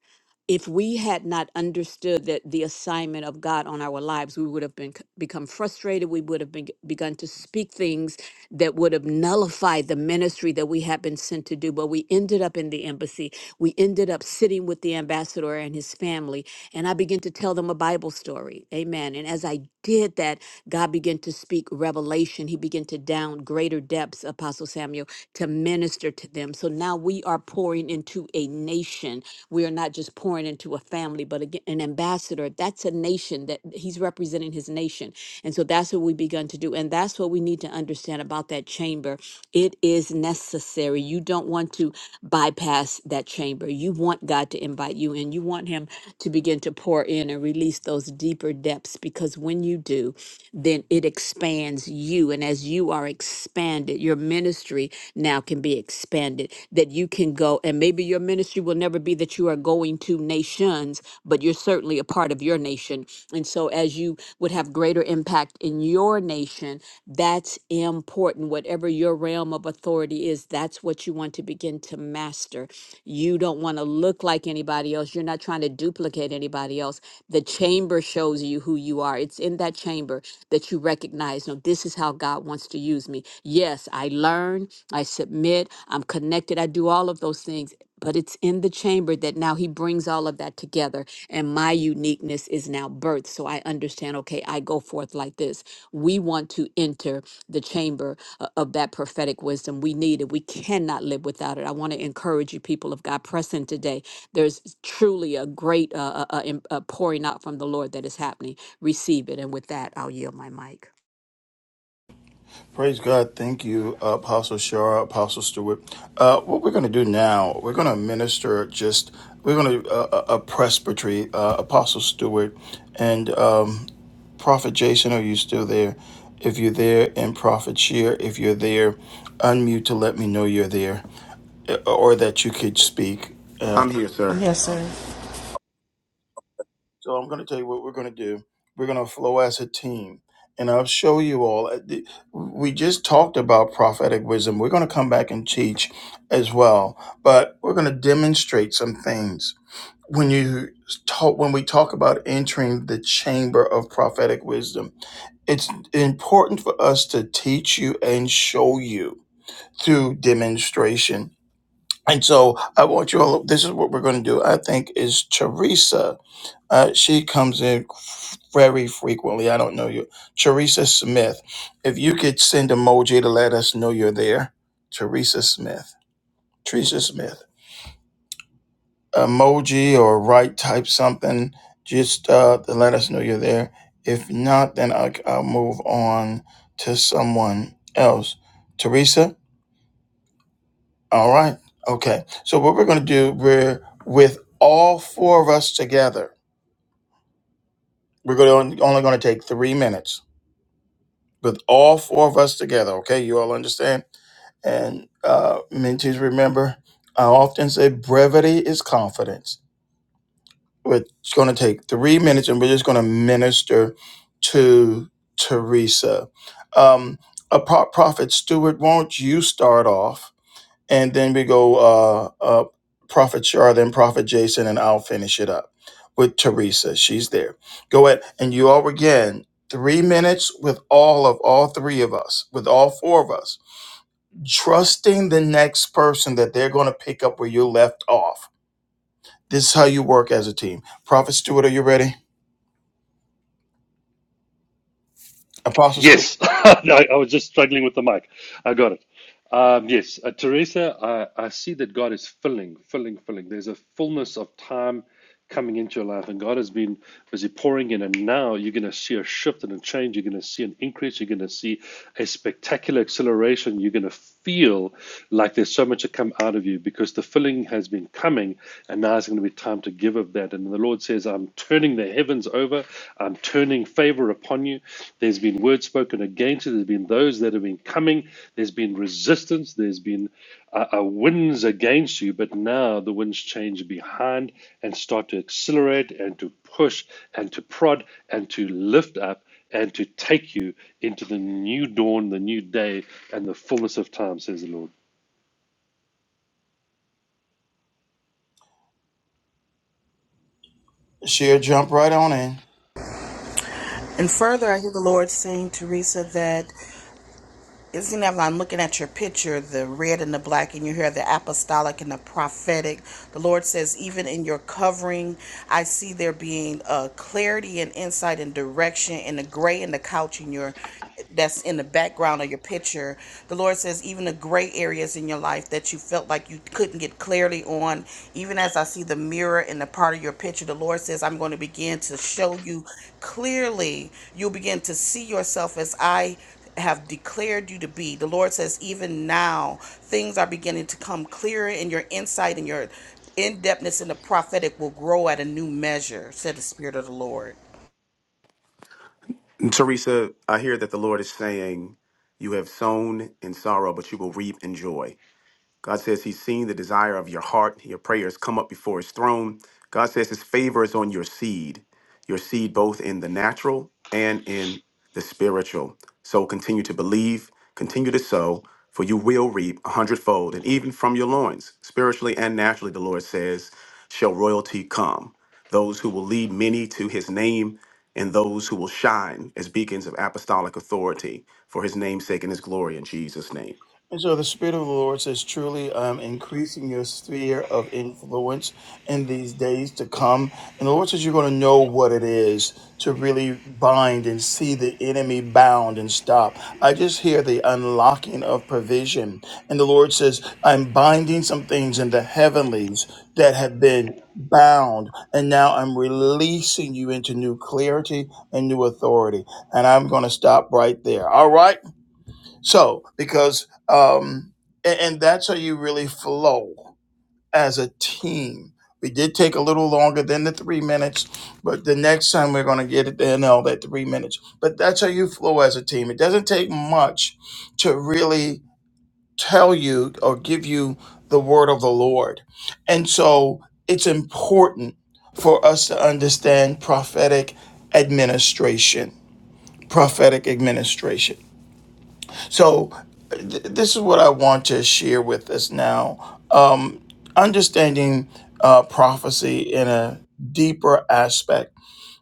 [SPEAKER 2] If we had not understood that the assignment of God on our lives, we would have been c- become frustrated. We would have been, begun to speak things that would have nullified the ministry that we have been sent to do. But we ended up in the embassy. We ended up sitting with the ambassador and his family. And I began to tell them a Bible story. Amen. And as I did that, God began to speak revelation. He began to down greater depths, Apostle Samuel, to minister to them. So now we are pouring into a nation. We are not just pouring into a family, but again, an ambassador. That's a nation that he's representing his nation. And so that's what we begun to do. And that's what we need need to understand about that chamber. It is necessary. You don't want to bypass that chamber. You want God to invite you in. You want Him to begin to pour in and release those deeper depths because when you do, then it expands you. And as you are expanded, your ministry now can be expanded, that you can go. And maybe your ministry will never be that you are going to nations, but you're certainly a part of your nation. And so as you would have greater impact in your nation, information. That's important. Whatever your realm of authority is, that's what you want to begin to master. You don't want to look like anybody else. You're not trying to duplicate anybody else. The chamber shows you who you are. It's in that chamber that you recognize, no, this is how God wants to use me. Yes, I learn, I submit, I'm connected, I do all of those things. But it's in the chamber that now he brings all of that together, and my uniqueness is now birthed. So I understand, okay, I go forth like this. We want to enter the chamber uh, of that prophetic wisdom. We need it. We cannot live without it. I want to encourage you, people of God, press in today. There's truly a great uh, uh, uh, im- uh, pouring out from the Lord that is happening. Receive it. And with that, I'll yield my mic.
[SPEAKER 1] Praise God. Thank you, Apostle Shara, Apostle Stewart. Uh, what we're going to do now, we're going to minister just, we're going to uh, a presbytery, uh, Apostle Stewart, and um, Prophet Jason, are you still there? If you're there, and Prophet Shear, if you're there, unmute to let me know you're there uh, or that you could speak. Uh,
[SPEAKER 5] I'm here, sir.
[SPEAKER 6] Yes, sir.
[SPEAKER 1] okay. So I'm going to tell you what we're going to do. We're going to flow as a team. And I'll show you all. uh, the- We just talked about prophetic wisdom. We're going to come back and teach as well, but we're going to demonstrate some things. When you talk, when we talk about entering the chamber of prophetic wisdom, it's important for us to teach you and show you through demonstration. And so I want you all. This is what we're going to do. I think is Teresa uh, she comes in f- very frequently. I don't know you. Teresa Smith. If you could send emoji to let us know you're there. Teresa Smith. Teresa Smith. Emoji or write type something just uh, to let us know you're there. If not, then I, I'll move on to someone else. Teresa? All right. Okay. So, what we're going to do, we're with all four of us together, we're going to, only going to take three minutes with all four of us together. Okay, you all understand? And uh, mentees, remember, I often say brevity is confidence. It's going to take three minutes, and we're just going to minister to Teresa. Um, a pro- prophet Stewart, won't you start off? and then we go uh, uh, Prophet Char, then Prophet Jason, and I'll finish it up with Teresa. She's there. Go ahead, and you all again three minutes with all of all three of us, with all four of us, trusting the next person that they're going to pick up where you left off. This is how you work as a team. Prophet Stewart, are you ready? Apostle Stewart,
[SPEAKER 4] Yes, no, I was just struggling with the mic. I got it. Um, yes, uh, Teresa, I, I see that God is filling, filling, filling. There's a fullness of time coming into your life, and God has been busy pouring in. And now you're going to see a shift and a change. You're going to see an increase. You're going to see a spectacular acceleration. You're going to feel like there's so much to come out of you because the filling has been coming, and now it's going to be time to give of that. And the Lord says, I'm turning the heavens over. I'm turning favor upon you. There's been words spoken against you. There's been those that have been coming. There's been resistance. There's been uh, uh, winds against you. But now the winds change behind and start to accelerate and to push and to prod and to lift up and to take you into the new dawn, the new day, and the fullness of time, says the Lord.
[SPEAKER 1] she'll jump right on in.
[SPEAKER 6] And further, I hear the Lord saying, Teresa, that isn't It seems if I'm looking at your picture, the red and the black in your hair, the apostolic and the prophetic. The Lord says, even in your covering, I see there being uh, clarity and insight and direction. in the gray and the couch in your that's in the background of your picture. The Lord says, even the gray areas in your life that you felt like you couldn't get clarity on, even as I see the mirror in the part of your picture, the Lord says, I'm going to begin to show you clearly. You'll begin to see yourself as I have declared you to be. The Lord says, even now, things are beginning to come clearer, and your insight and your in depthness in the prophetic will grow at a new measure, said the Spirit of the Lord.
[SPEAKER 5] Teresa, I hear that the Lord is saying, You have sown in sorrow, but you will reap in joy. God says he's seen the desire of your heart. Your prayers come up before his throne. God says his favor is on your seed, your seed both in the natural and in the spiritual. So continue to believe, continue to sow, for you will reap a hundredfold. And even from your loins, spiritually and naturally, the Lord says, shall royalty come. Those who will lead many to his name and those who will shine as beacons of apostolic authority for his name's sake and his glory in Jesus' name.
[SPEAKER 1] And so the Spirit of the Lord says, truly, I'm increasing your sphere of influence in these days to come. And the Lord says, you're going to know what it is to really bind and see the enemy bound and stop. I just hear the unlocking of provision. And the Lord says, I'm binding some things in the heavenlies that have been bound. And now I'm releasing you into new clarity and new authority. And I'm going to stop right there. All right. So, because, um, and, and that's how you really flow as a team. We did take a little longer than the three minutes, but the next time we're going to get it in all that three minutes. But that's how you flow as a team. It doesn't take much to really tell you or give you the word of the Lord. And so it's important for us to understand prophetic administration. Prophetic administration. So, th- this is what I want to share with us now. Um, understanding uh, prophecy in a deeper aspect.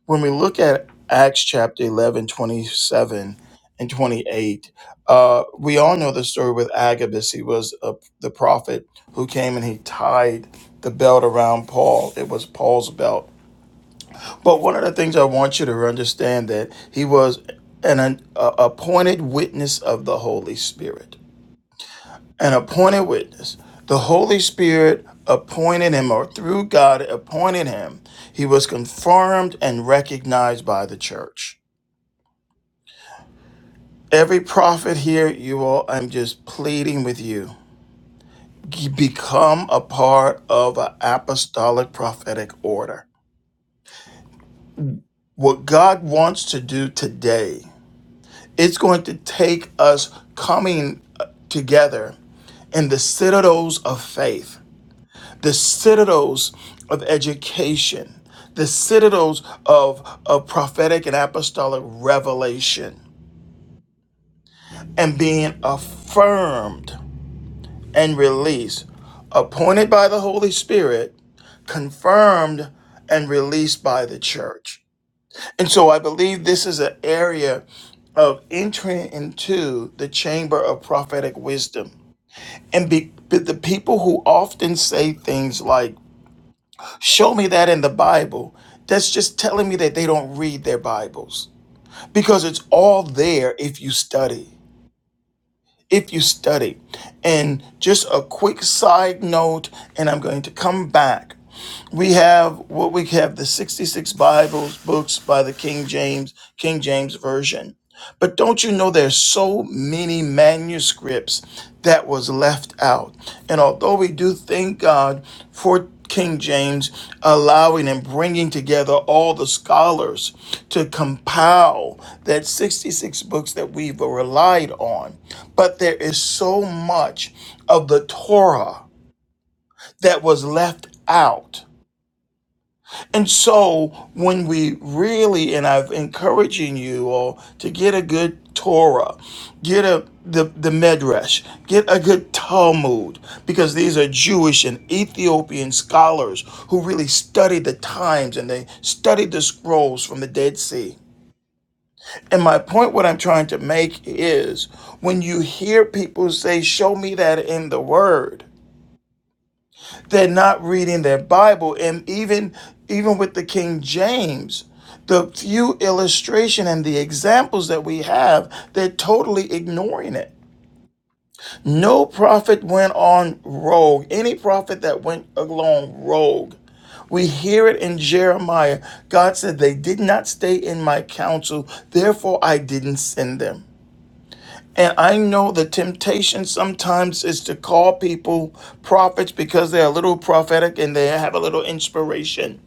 [SPEAKER 1] When we look at Acts chapter 11 27 and 28, uh, we all know the story with Agabus. He was a, the prophet who came and he tied the belt around Paul. It was Paul's belt. But one of the things I want you to understand that he was an, an a- appointed witness of the Holy Spirit an appointed witness. The Holy Spirit appointed him, or through God appointed him. He was confirmed and recognized by the church. Every prophet here, you all, I'm just pleading with you. Become a part of an apostolic prophetic order. What God wants to do today, it's going to take us coming uh, together in the citadels of faith the citadels of education, the citadels of, of prophetic and apostolic revelation, and being affirmed and released, appointed by the Holy Spirit, confirmed and released by the church. And so I believe this is an area of entering into the chamber of prophetic wisdom. And be, but the people who often say things like, Show me that in the Bible. That's just telling me that they don't read their Bibles because it's all there if you study. If you study. And just a quick side note, and I'm going to come back we have what we have the 66 bibles books by the king james king james version but don't you know there's so many manuscripts that was left out and although we do thank god for king james allowing and bringing together all the scholars to compile that 66 books that we've relied on but there is so much of the torah that was left out and so when we really, and I'm encouraging you all to get a good Torah, get a the, the Medrash, get a good Talmud, because these are Jewish and Ethiopian scholars who really studied the times and they studied the scrolls from the Dead Sea. And my point, what I'm trying to make is when you hear people say, Show me that in the Word, they're not reading their bible and even even with the king james the few illustration and the examples that we have they're totally ignoring it no prophet went on rogue any prophet that went along rogue we hear it in jeremiah god said they did not stay in my counsel therefore i didn't send them and I know the temptation sometimes is to call people prophets because they're a little prophetic and they have a little inspiration.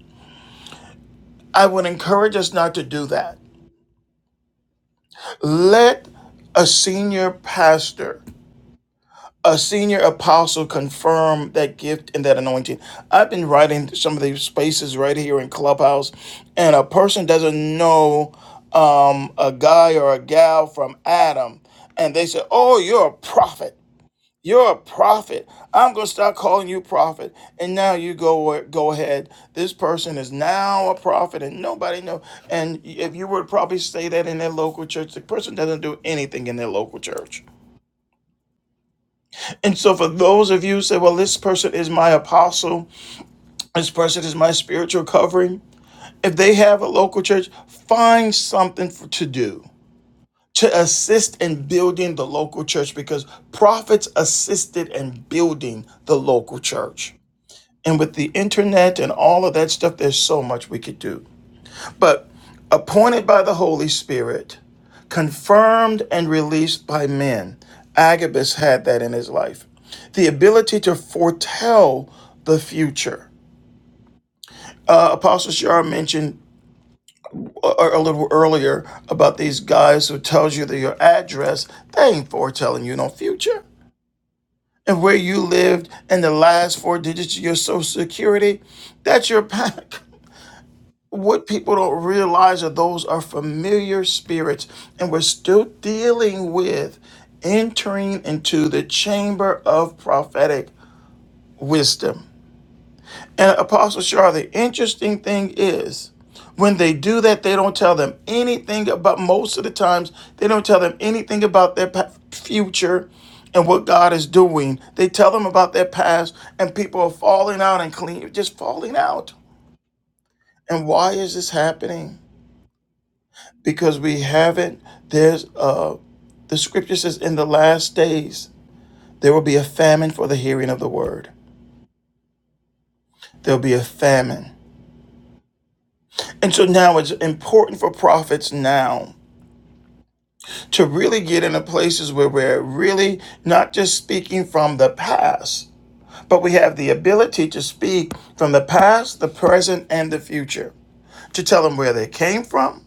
[SPEAKER 1] I would encourage us not to do that. Let a senior pastor, a senior apostle confirm that gift and that anointing. I've been writing some of these spaces right here in Clubhouse, and a person doesn't know um, a guy or a gal from Adam, and they say, Oh, you're a prophet. You're a prophet. I'm going to start calling you prophet. And now you go go ahead. This person is now a prophet and nobody knows. And if you would probably say that in their local church, the person doesn't do anything in their local church. And so for those of you who say, well, this person is my apostle, this person is my spiritual covering. If they have a local church, find something for, to do to assist in building the local church because prophets assisted in building the local church. And with the internet and all of that stuff, there's so much we could do. But appointed by the Holy Spirit, confirmed and released by men, Agabus had that in his life. The ability to foretell the future. Uh, Apostle Shar mentioned a, a little earlier about these guys who tells you that your address, they ain't foretelling you no future and where you lived and the last four digits of your social security. That's your pack. what people don't realize are those are familiar spirits and we're still dealing with entering into the chamber of prophetic wisdom and apostle shar the interesting thing is when they do that they don't tell them anything about most of the times they don't tell them anything about their pa- future and what god is doing they tell them about their past and people are falling out and clean just falling out and why is this happening because we haven't. There's uh, the scripture says, in the last days there will be a famine for the hearing of the word. There'll be a famine, and so now it's important for prophets now to really get into places where we're really not just speaking from the past, but we have the ability to speak from the past, the present, and the future. To tell them where they came from,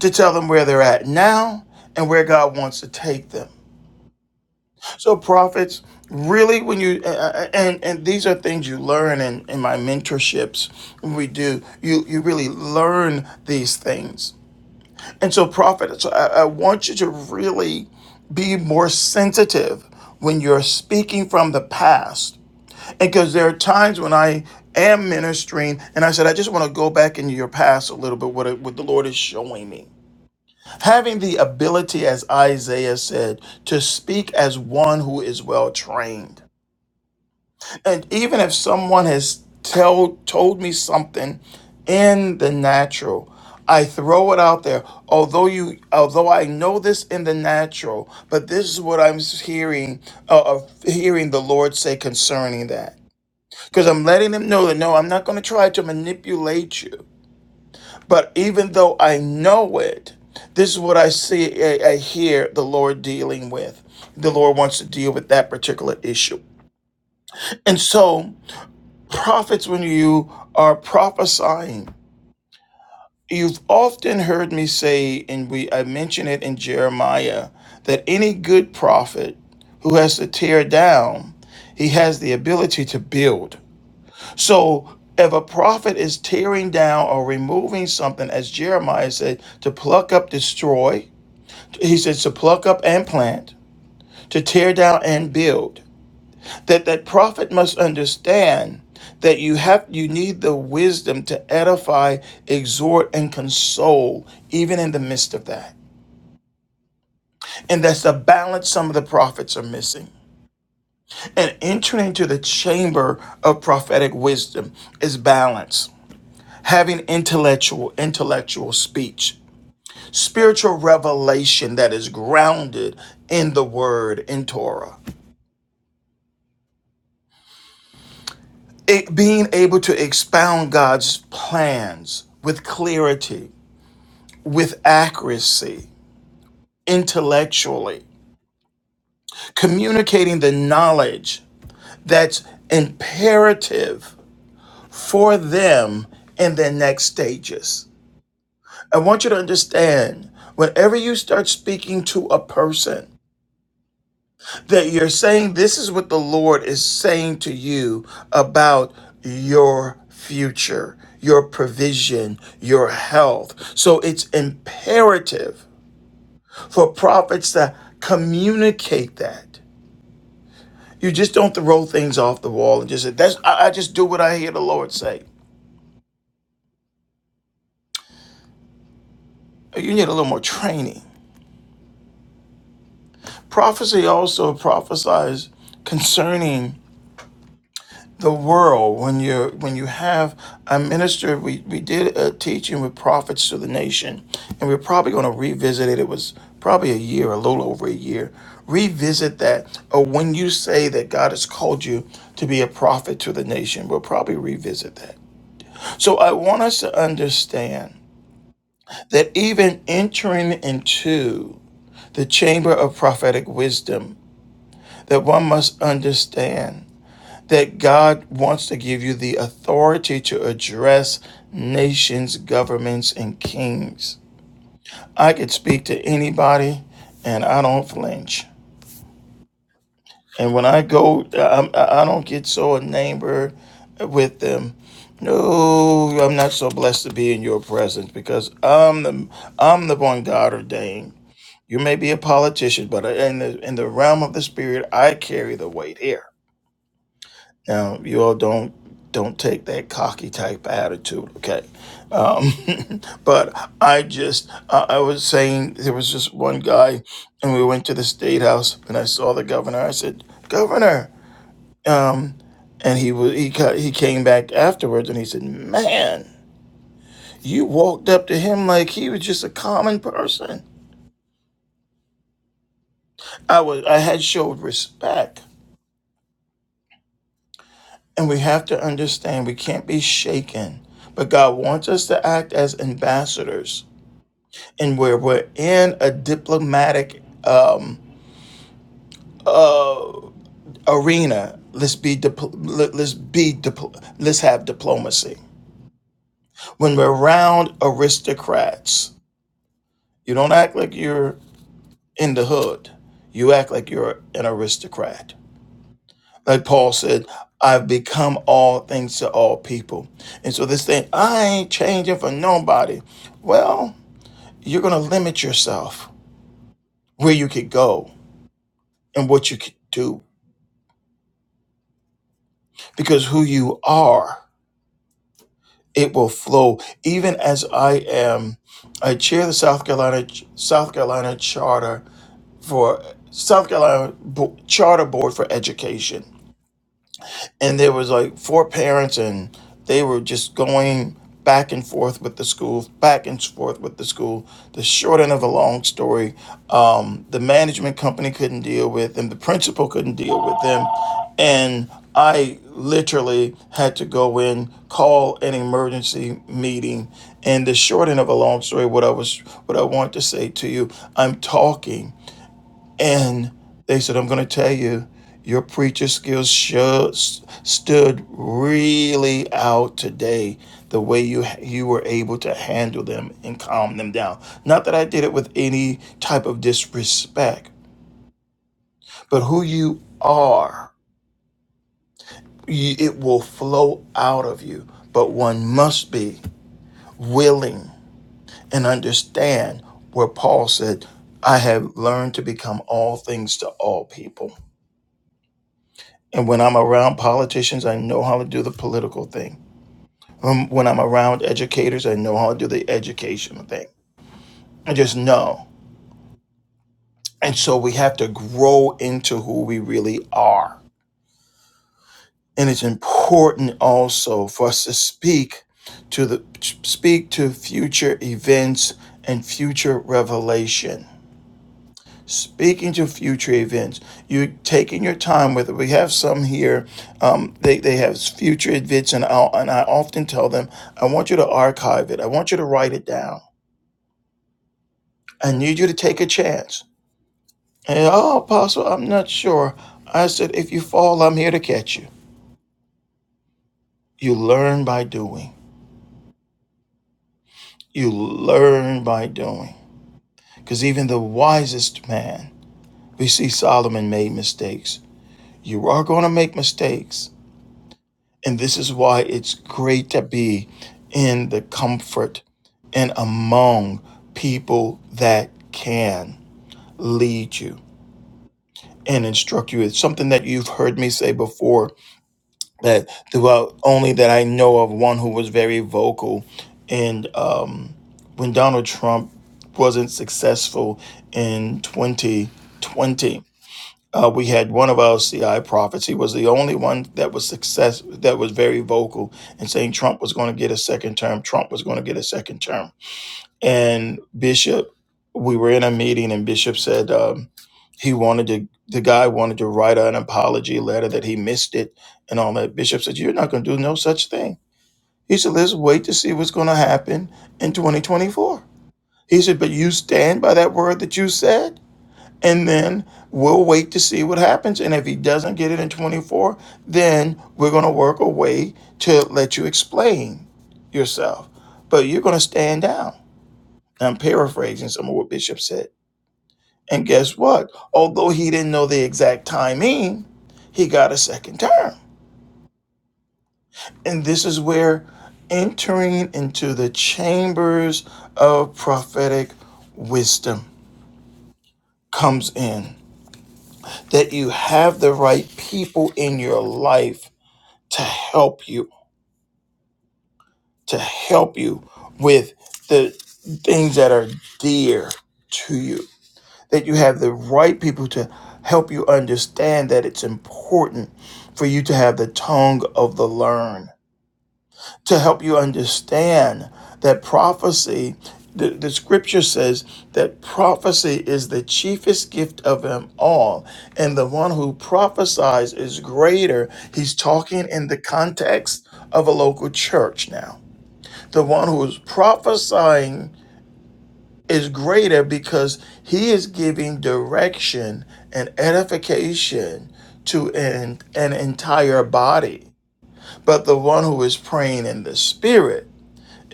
[SPEAKER 1] to tell them where they're at now, and where God wants to take them. So prophets, really, when you uh, uh, and and these are things you learn in in my mentorships. We do you you really learn these things, and so prophets, so I, I want you to really be more sensitive when you're speaking from the past, because there are times when I am ministering and I said I just want to go back into your past a little bit what it, what the Lord is showing me. Having the ability, as Isaiah said, to speak as one who is well trained. And even if someone has tell, told me something in the natural, I throw it out there. Although you, although I know this in the natural, but this is what I'm hearing, uh, of hearing the Lord say concerning that. Because I'm letting them know that no, I'm not going to try to manipulate you. But even though I know it, this is what I see, I, I hear the Lord dealing with. The Lord wants to deal with that particular issue. And so, prophets, when you are prophesying, you've often heard me say, and we I mention it in Jeremiah, that any good prophet who has to tear down, he has the ability to build. So if a prophet is tearing down or removing something, as Jeremiah said, to pluck up, destroy, he says to pluck up and plant, to tear down and build, that that prophet must understand that you have you need the wisdom to edify, exhort, and console, even in the midst of that. And that's the balance some of the prophets are missing. And entering into the chamber of prophetic wisdom is balance. having intellectual intellectual speech spiritual revelation that is grounded in the word in torah it, being able to expound god's plans with clarity with accuracy intellectually communicating the knowledge that's imperative for them in their next stages i want you to understand whenever you start speaking to a person that you're saying this is what the Lord is saying to you about your future, your provision, your health. So it's imperative for prophets to communicate that. You just don't throw things off the wall and just say, that's I, I just do what I hear the Lord say. You need a little more training. Prophecy also prophesies concerning the world when you're when you have a minister we, we did a teaching with prophets to the nation and we're probably going to revisit it it was probably a year a little over a year revisit that or when you say that god has called you to be a prophet to the nation we'll probably revisit that so i want us to understand that even entering into the chamber of prophetic wisdom that one must understand that God wants to give you the authority to address nations, governments, and kings. I could speak to anybody and I don't flinch. And when I go, i I don't get so enamored with them. No, I'm not so blessed to be in your presence because I'm the I'm the one God ordained. You may be a politician, but in the in the realm of the spirit, I carry the weight here. Now, you all don't don't take that cocky type attitude, okay? Um, but I just I I was saying there was just one guy, and we went to the state house, and I saw the governor. I said, "Governor," um, and he was he ca- he came back afterwards, and he said, "Man, you walked up to him like he was just a common person." I was I had showed respect. And we have to understand we can't be shaken. But God wants us to act as ambassadors. And where we're in a diplomatic um, uh, arena, let's be dipl- let- us be dipl- let's have diplomacy. When we're around aristocrats, you don't act like you're in the hood. You act like you're an aristocrat. like Paul said, I've become all things to all people. And so this thing, I ain't changing for nobody. Well, you're going to limit yourself where you could go and what you could do because who you are, it will flow. Even as I am, I chair the South Carolina South Carolina Charter for South Carolina Bo- Charter Board for Education. and there was like four parents and they were just going back and forth with the school back and forth with the school the short end of a long story um, the management company couldn't deal with them the principal couldn't deal with them and i literally had to go in call an emergency meeting and the short end of a long story what i was what i want to say to you i'm talking and they said, I'm going to tell you, your preacher skills showed, stood really out today. The way you you were able to handle them and calm them down. Not that I did it with any type of disrespect, but who you are, you, it will flow out of you. But one must be willing and understand where Paul said, "I have learned to become all things to all people." And when I'm around politicians, I know how to do the political thing. Um, When I'm around educators, I know how to do the educational thing. I just know. And so we have to grow into who we really are. And it's important also for us to speak to the speak to future events and future revelation. Speaking to future events, you're taking your time with it. We have some here. Um, they, they have future events, and I and I often tell them, I want you to archive it. I want you to write it down. I need you to take a chance. And oh, Apostle, I'm not sure. I said, if you fall, I'm here to catch you. You learn by doing. You learn by doing. Because even the wisest man, we see Solomon made mistakes. You are going to make mistakes. And this is why it's great to be in the comfort and among people that can lead you and instruct you. It's something that you've heard me say before that throughout only that I know of one who was very vocal and um, when Donald Trump wasn't successful in 2020 uh, we had one of our CI prophets. He was the only one that was success that was very vocal in saying Trump was going to get a second term. Trump was going to get a second term. And Bishop, we were in a meeting, and Bishop said um, he wanted to. The guy wanted to write an apology letter that he missed it and all that. Bishop said, "You're not going to do no such thing." He said, "Let's wait to see what's going to happen in 2024." He said, "But you stand by that word that you said." and then we'll wait to see what happens. And if he doesn't get it in 24, then we're going to work a way to let you explain yourself. But you're going to stand down. I'm paraphrasing some of what Bishop said. And guess what? Although he didn't know the exact timing, he got a second term. And this is where entering into the chambers of prophetic wisdom comes in. that you have the right people in your life to help you, to help you with the things that are dear to you. That you have the right people to help you understand that it's important for you to have the tongue of the learned to help you understand that prophecy, the, the scripture says that prophecy is the chiefest gift of them all. And the one who prophesies is greater. He's talking in the context of a local church now. The one who's prophesying is greater because he is giving direction and edification to an, an entire body. But the one who is praying in the spirit,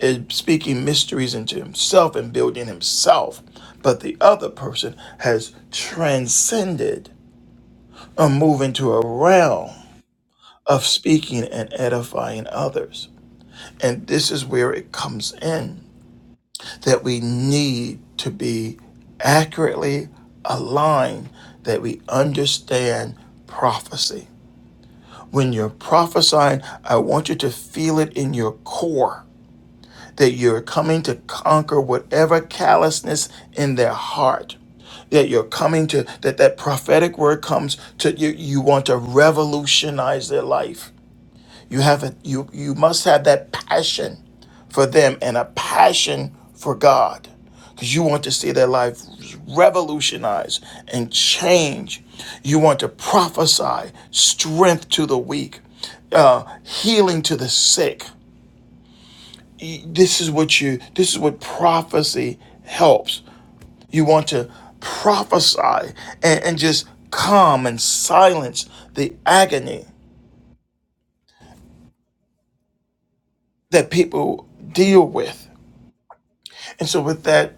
[SPEAKER 1] is speaking mysteries into himself and building himself, but the other person has transcended or moved into a realm of speaking and edifying others. And this is where it comes in that we need to be accurately aligned, that we understand prophecy. When you're prophesying, I want you to feel it in your core that you're coming to conquer whatever callousness in their heart that you're coming to that that prophetic word comes to you you want to revolutionize their life you have a you you must have that passion for them and a passion for god because you want to see their life revolutionized and change you want to prophesy strength to the weak uh, healing to the sick this is what you this is what prophecy helps you want to prophesy and, and just calm and silence the agony that people deal with and so with that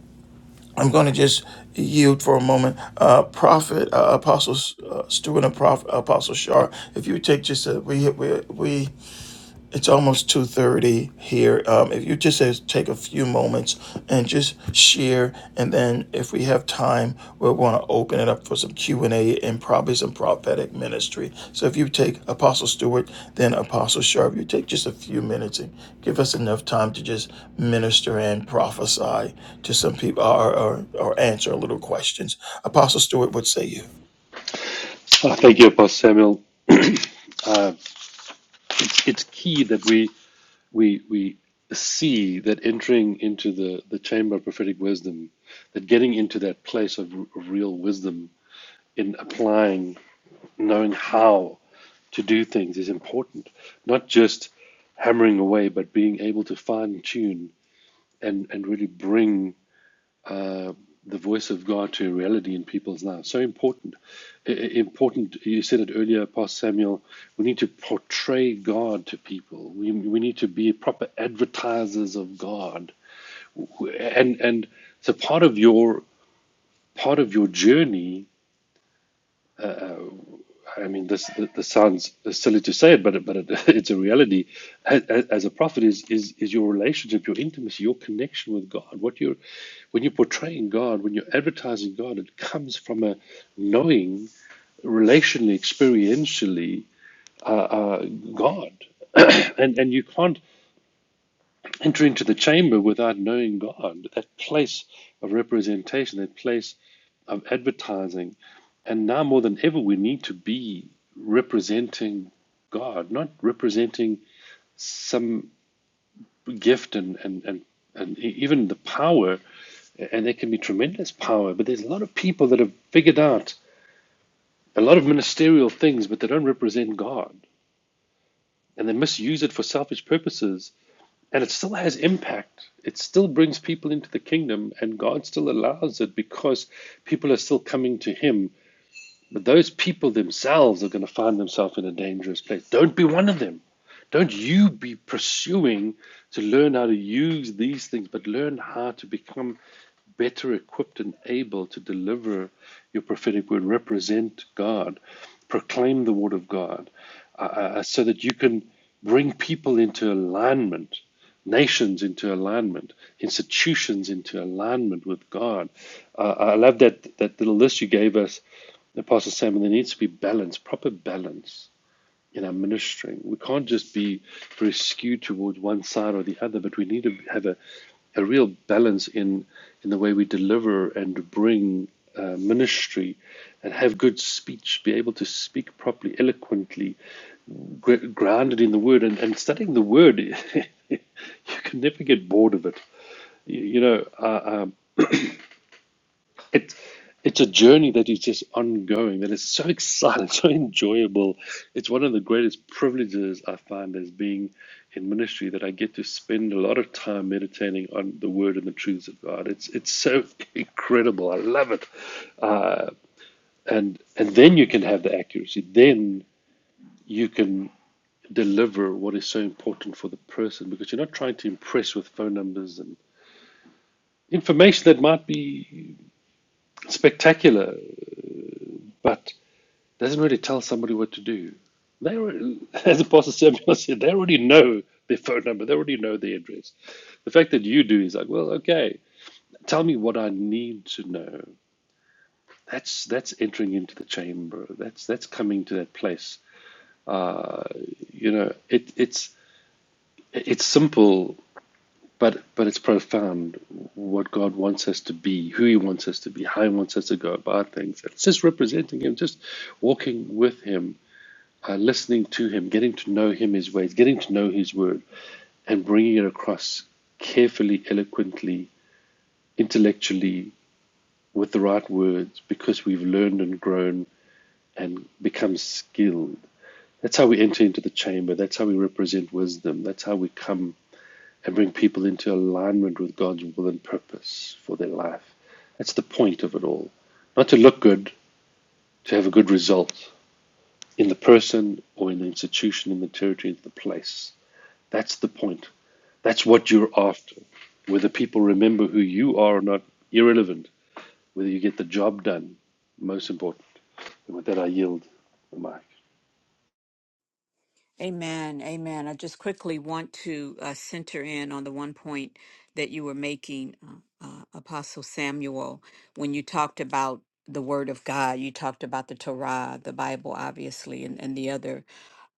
[SPEAKER 1] i'm going to just yield for a moment uh prophet uh, apostle uh, stewart and Prof, apostle shar if you would take just a we we, we It's almost 2:30 here. Um, if you just uh, take a few moments and just share, and then if we have time, we'll want to open it up for some Q&A and A and probably some prophetic ministry. So if you take Apostle Stewart, then Apostle Sharp, you take just a few minutes and give us enough time to just minister and prophesy to some people or, or, or answer a little questions. Apostle Stewart, what say you?
[SPEAKER 4] Oh, thank you, Apostle Samuel. Uh, it's key that we we we see that entering into the the chamber of prophetic wisdom that getting into that place of, r- of real wisdom in applying knowing how to do things is important not just hammering away but being able to fine tune and and really bring uh, the voice of God to reality in people's lives. So important. Important. You said it earlier, Pastor Samuel. We need to portray God to people. We, we need to be proper advertisers of God. And and so part of your part of your journey I mean, this th- this sounds silly to say it, but it- but it, it's a reality. As, as as a prophet, is is is your relationship, your intimacy, your connection with God. What you when you're portraying God, when you're advertising God, it comes from a knowing, relationally, experientially, uh, uh, God, and and you can't enter into the chamber without knowing God, that place of representation, that place of advertising. And now more than ever, we need to be representing God, not representing some gift and, and, and, and e- even the power. And there can be tremendous power, but there's a lot of people that have figured out a lot of ministerial things, but they don't represent God. And they misuse it for selfish purposes and it still has impact. It still brings people into the kingdom, and God still allows it because people are still coming to Him. But those people themselves are going to find themselves in a dangerous place. Don't be one of them. Don't you be pursuing to learn how to use these things, but learn how to become better equipped and able to deliver your prophetic word, represent God, proclaim the word of God, uh, uh, so that you can bring people into alignment nations into alignment, institutions into alignment with God. Uh, I love that that little list you gave us, Apostle Sam. There needs to be balance, proper balance in our ministering. We can't just be very skewed towards one side or the other, but we need to have a, a real balance in in the way we deliver and bring uh, ministry, and have good speech, be able to speak properly, eloquently, grounded in the word and, and studying the word you can never get bored of it you, you know uh, um, it, it's a journey that is just ongoing that is so exciting so enjoyable it's one of the greatest privileges i find as being in ministry that i get to spend a lot of time meditating on the word and the truths of god it's it's so incredible i love it uh, and and then you can have the accuracy then you can deliver what is so important for the person because you're not trying to impress with phone numbers and information that might be spectacular but doesn't really tell somebody what to do. They, as Apostle Samuel said, they already know their phone number, they already know their address. The fact that you do is like, well, okay, tell me what I need to know. That's that's entering into the chamber. That's that's coming to that place. You know, it it's it's simple but but it's profound what God wants us to be, who He wants us to be, how He wants us to go about things. It's just representing Him, just walking with Him, uh, listening to Him, getting to know Him, His ways, getting to know His word, and bringing it across carefully, eloquently, intellectually, with the right words, because we've learned and grown and become skilled. That's how we enter into the chamber. That's how we represent wisdom. That's how we come and bring people into alignment with God's will and purpose for their life. That's the point of it all. Not to look good, to have a good result in the person or in the institution, in the territory, in the place. That's the point. That's what you're after. Whether people remember who you are or not, irrelevant. Whether you get the job done, most important. And with that, I yield the mic.
[SPEAKER 2] Amen. Amen. I just quickly want to uh, center in on the one point that you were making, uh, uh, Apostle Samuel, when you talked about the Word of God. You talked about the Torah, the Bible, obviously, and, and the other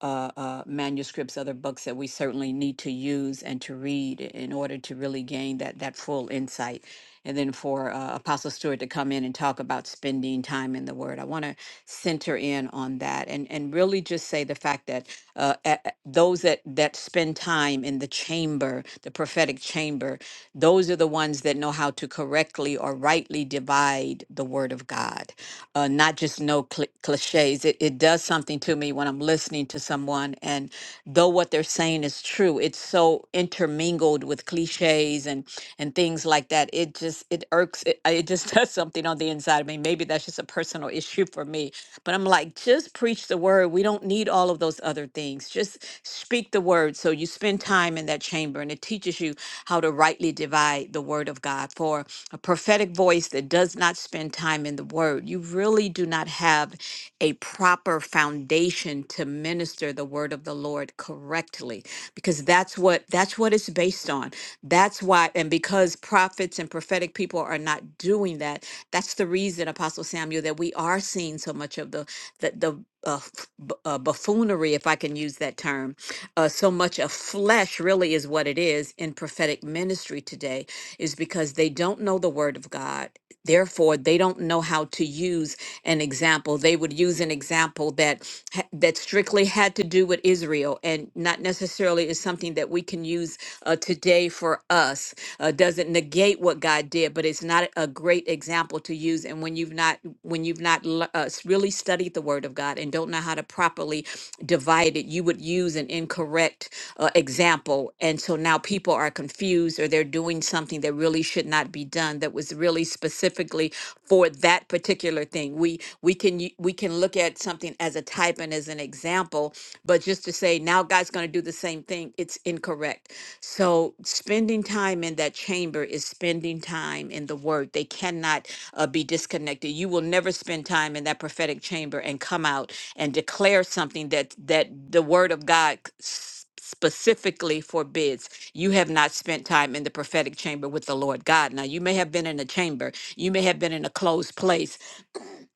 [SPEAKER 2] uh, uh, manuscripts, other books that we certainly need to use and to read in order to really gain that that full insight and then for uh, Apostle Stewart to come in and talk about spending time in the Word. I want to center in on that and and really just say the fact that uh, a- a- those that that spend time in the chamber, the prophetic chamber, those are the ones that know how to correctly or rightly divide the Word of God, uh, not just know cl- cliches. It, it does something to me when I'm listening to someone and though what they're saying is true true. It's so intermingled with cliches and and things like that. It just it irks it, uh, it just does something on the inside of me. Maybe that's just a personal issue for me. But I'm like, just preach the word. We don't need all of those other things. Just speak the word. So you spend time in that chamber and it teaches you how to rightly divide the word of God. For a prophetic voice that does not spend time in the word, you really do not have a proper proper foundation to minister the word of the Lord correctly because that's what that's what it's based on. That's why and because prophets and prophetic people are not doing that, that's the reason Apostle Samuel that we are seeing so much of the the, the uh, f- b- uh, buffoonery, if I can use that term, uh, so much of flesh really is what it is in prophetic ministry today, is because they don't know the word of God therefore they don't know how to use an example they would use an example that ha- that strictly had to do with israel and not necessarily is something that we can use uh, today for us uh, doesn't negate what god did but it's not a great example to use and when you've not when you've not le- uh, s- really studied the word of god and don't know how to properly spiritually divided, you would use an incorrect uh, example. And so now people are confused or they're doing something that really should not be done that was really specifically for that particular thing. We we can u- we can look at something as a type and as an example, but just to say now God's going to do the same thing, it's incorrect. So spending spending time in that chamber is spending time in the word. They cannot uh, be disconnected. You will never spend time in that prophetic chamber and come out and declare something that that the word of God s- specifically forbids. You have not spent time in the prophetic chamber with the Lord God. Now, you may have been in a chamber, you may have been in a closed place,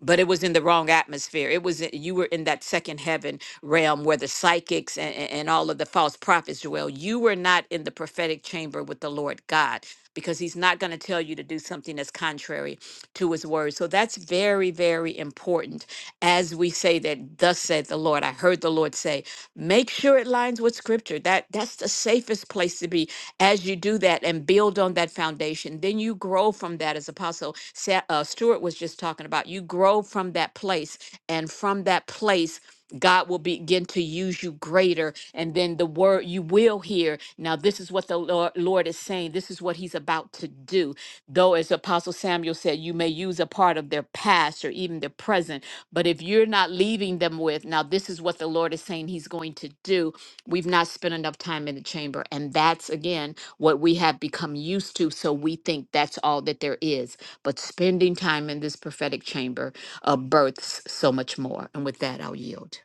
[SPEAKER 2] but it was in the wrong atmosphere. It was you were in that second heaven realm where the psychics and, and, all of the false prophets dwell. You were not in the prophetic chamber with the Lord God because he's not going to tell you to do something that's contrary to his word. So that's very very important as we say that thus said the lord i heard the lord say make sure it lines with scripture that that's the safest place to be as you do that and build on that foundation then you grow from that as apostle Sa- uh, stuart was just talking about you grow from that place and from that place God will begin to use you greater, and then the word you will hear. Now, this is what the Lord, Lord is saying. This is what He's about to do. Though, as Apostle Samuel said, you may use a part of their past or even their present but if you're not leaving them with, now this is what the Lord is saying He's going to do, we've not spent enough time in the chamber. And that's, again, what we have become used to. So we think that's all that there is. But spending time in this prophetic chamber uh, births so much more. And with that, I'll yield.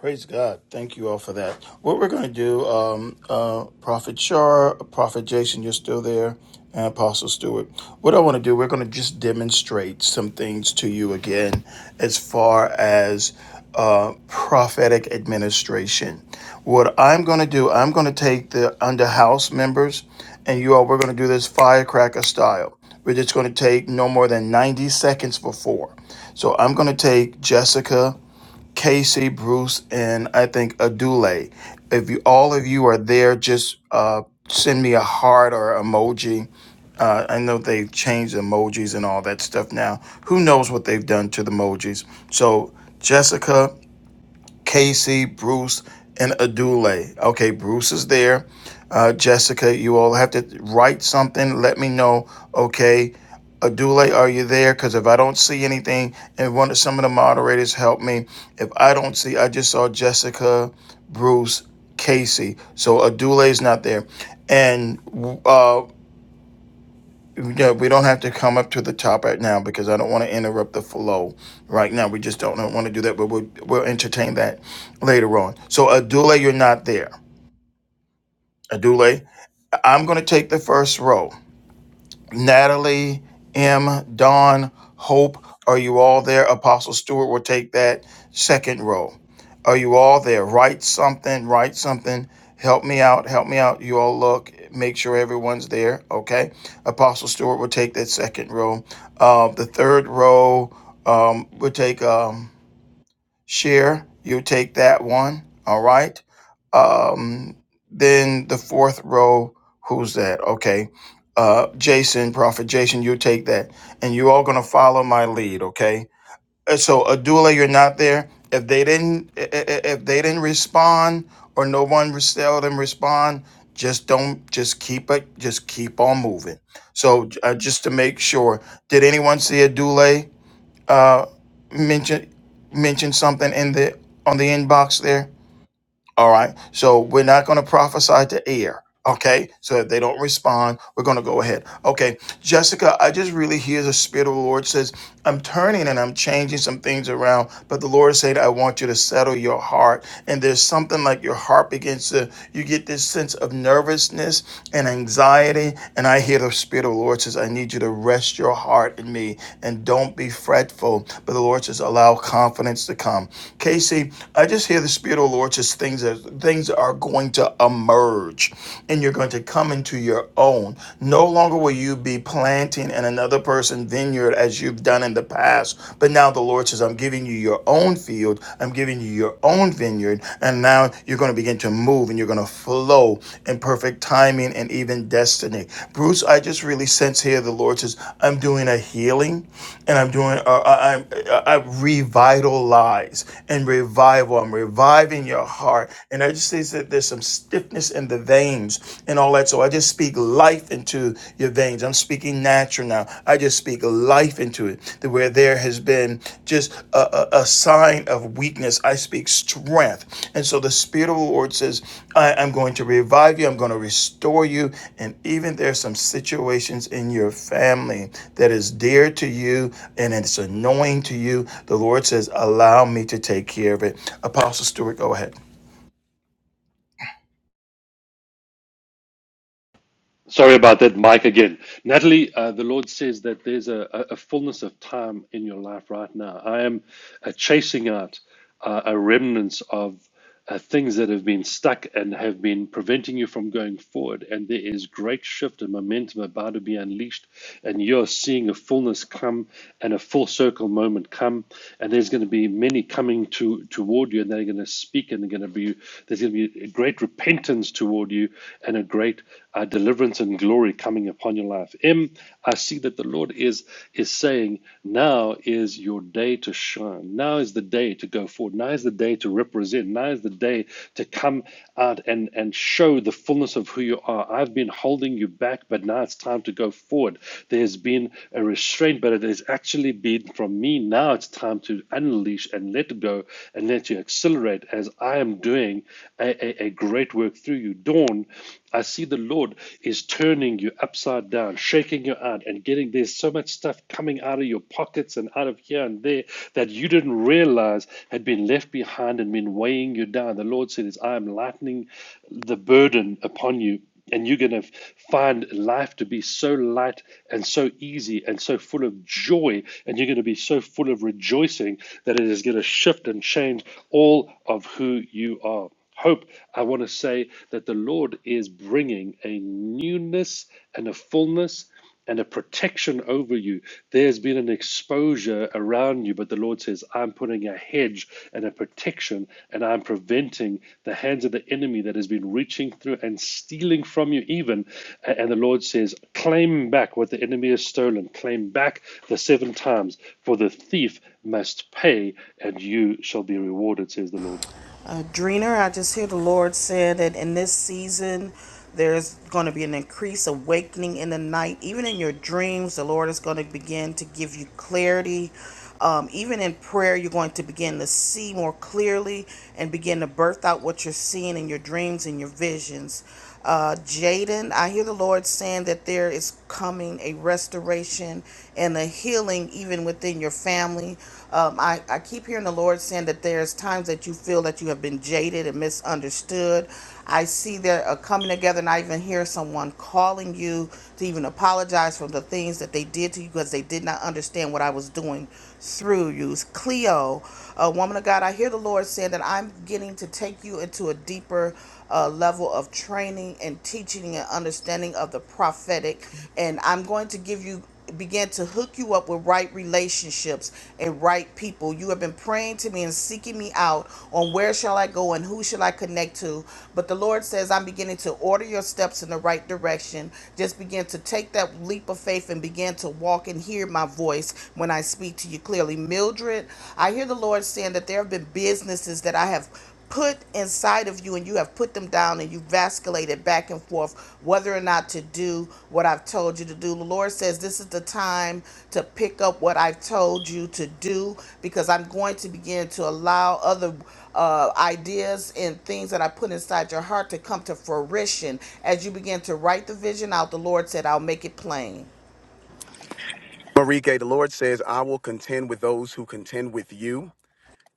[SPEAKER 1] Praise God. Thank you all for that. What we're going to do, um, uh, Prophet Shar, Prophet Jason, you're still there, and Apostle Stewart. What I want to do, we're going to just demonstrate some things to you again as far as uh, prophetic administration. What I'm going to do, I'm going to take the under house members, and you all, we're going to do this firecracker style. We're just going to take no more than 90 seconds for four. So I'm going to take Jessica. Casey, Bruce, and I think Adule. If you, all of you are there, just uh, send me a heart or emoji. Uh, I know they've changed emojis and all that stuff now. Who knows what they've done to the emojis? So, Jessica, Casey, Bruce, and Adule. Okay, Bruce is there. Uh, Jessica, you all have to write something. Let me know. Okay, Adule, are you there? Because if I don't see anything, and one of some of the moderators help me. If I don't see, I just saw Jessica, Bruce, Casey. So Adule is not there, and uh, yeah, we don't have to come up to the top right now because I don't want to interrupt the flow right now. We just don't want to do that, but we'll, we'll entertain that later on. So, Adule, you're not there. Adule, I'm going to take the first row. Natalie, M, Dawn, Hope, are you all there? Apostle Stewart will take that second row. Are you all there? Write something, write something. Help me out, help me out. You all look, make sure everyone's there, okay? Apostle Stewart will take that second row. Uh, the third row um, will take. Um, share. you take that one. All right. Um, then the fourth row, who's that? Okay. Uh, Jason, Prophet Jason, you take that. And you're all going to follow my lead. Okay. And so Adula, you're not there. If they didn't, i- i- if they didn't respond or no one res- tell them respond, just don't, just keep it, just keep on moving. So uh, just to make sure, did anyone see Adule? uh, mention mention something in the on the inbox there. All right. So we're not going to prophesy to air. Okay. So if they don't respond, we're going to go ahead. Okay. Jessica, I just really hear the Spirit of the Lord says, I'm turning and I'm changing some things around. But the Lord said, I want you to settle your heart. And there's something like your heart begins to, you get this sense of nervousness and anxiety. And I hear the Spirit of the Lord says, I need you to rest your heart in me and don't be fretful. But the Lord says, allow confidence to come. Casey, I just hear the Spirit of the Lord says things that things are going to emerge and you're going to come into your own. No longer will you be planting in another person's vineyard as you've done in the past. But now the Lord says, I'm giving you your own field field. I'm giving you your own vineyard. And now you're going to begin to move and you're going to flow in perfect timing and even destiny. Bruce, I just really sense here the Lord says, I'm doing a healing and I'm doing, uh, I, I'm, I, I revitalize and revival. I'm reviving your heart. And I just see that there's some stiffness in the veins and all that. So I just speak life into your veins things. I'm speaking natural now. I just speak life into it. That where there has been just a, a, a sign of weakness, I speak strength. And so the Spirit of the Lord says, I am going to revive you. I'm going to restore you. And even there's some situations in your family that is dear to you and it's annoying to you. The Lord says, allow me to take care of it. Apostle Stewart, go ahead.
[SPEAKER 4] Sorry about that, Mike, again. Natalie, uh, the Lord says that there's a, a a fullness of time in your life right now. I am uh, chasing out uh, a remnants of uh, things that have been stuck and have been preventing you from going forward. And there is great shift and momentum about to be unleashed. And you're seeing a fullness come and a full circle moment come. And there's going to be many coming to toward you, and they're going to speak, and they're going to be there's going to be a great repentance toward you and a great uh, deliverance and glory coming upon your life. M, I see that the Lord is is saying, now is your day to shine. Now is the day to go forward. Now is the day to represent. Now is the day to come out and and show the fullness of who you are. I've been holding you back, but now it's time to go forward. There's been a restraint, but it has actually been from me. Now it's time to unleash and let go and let you accelerate as I am doing a, a, a great work through you to dawn, I see the Lord is turning you upside down, shaking your hand, and getting there's so much stuff coming out of your pockets and out of here and there that you didn't realize had been left behind and been weighing you down. The Lord said, I am lightening the burden upon you." And you're going to find life to be so light and so easy and so full of joy. And you're going to be so full of rejoicing that it is going to shift and change all of who you are hope, I want to say that the Lord is bringing a newness and a fullness and a protection over you. There's been an exposure around you, but the Lord says, I'm putting a hedge and a protection, and I'm preventing the hands of the enemy that has been reaching through and stealing from you, even. A- And the Lord says, Claim back what the enemy has stolen, claim back the seven times, for the thief must pay, and you shall be rewarded, says the Lord.
[SPEAKER 6] Uh, Dreener, I just hear the Lord saying that in this season, there's going to be an increased awakening in the night. Even in your dreams, the Lord is going to begin to give you clarity. Um, even in prayer, you're going to begin to see more clearly and begin to birth out what you're seeing in your dreams and your visions. Uh, Jaden, I hear the Lord saying that there is coming a restoration and a healing even within your family. Um, I, I keep hearing the Lord saying that there's times that you feel that you have been jaded and misunderstood. I see they're uh, coming together, and I even hear someone calling you to even apologize for the things that they did to you because they did not understand what I was doing through you. Cleo, a woman of God, I hear the Lord saying that I'm getting to take you into a deeper uh, level of training and teaching and understanding of the prophetic. And I'm going to give you begin to hook you up with right relationships and right people. You have been praying to me and seeking me out on where shall I go and who shall I connect to. But the Lord says, I'm beginning to order your steps in the right direction. Just begin to take that leap of faith and begin to walk and hear hear my voice when I speak to you clearly. Mildred, I hear the Lord saying that there have been businesses that I have put inside of you and you have put them down and you vasculated back and forth whether or not to do what I've told you to do. The Lord says this is the time to pick up what I've told you to do because I'm going to begin to allow other uh, ideas and things that I put inside your heart to come to fruition. As you begin to write the vision out, the Lord said, I'll make it plain.
[SPEAKER 5] Marike, the Lord says, I will contend with those who contend with you.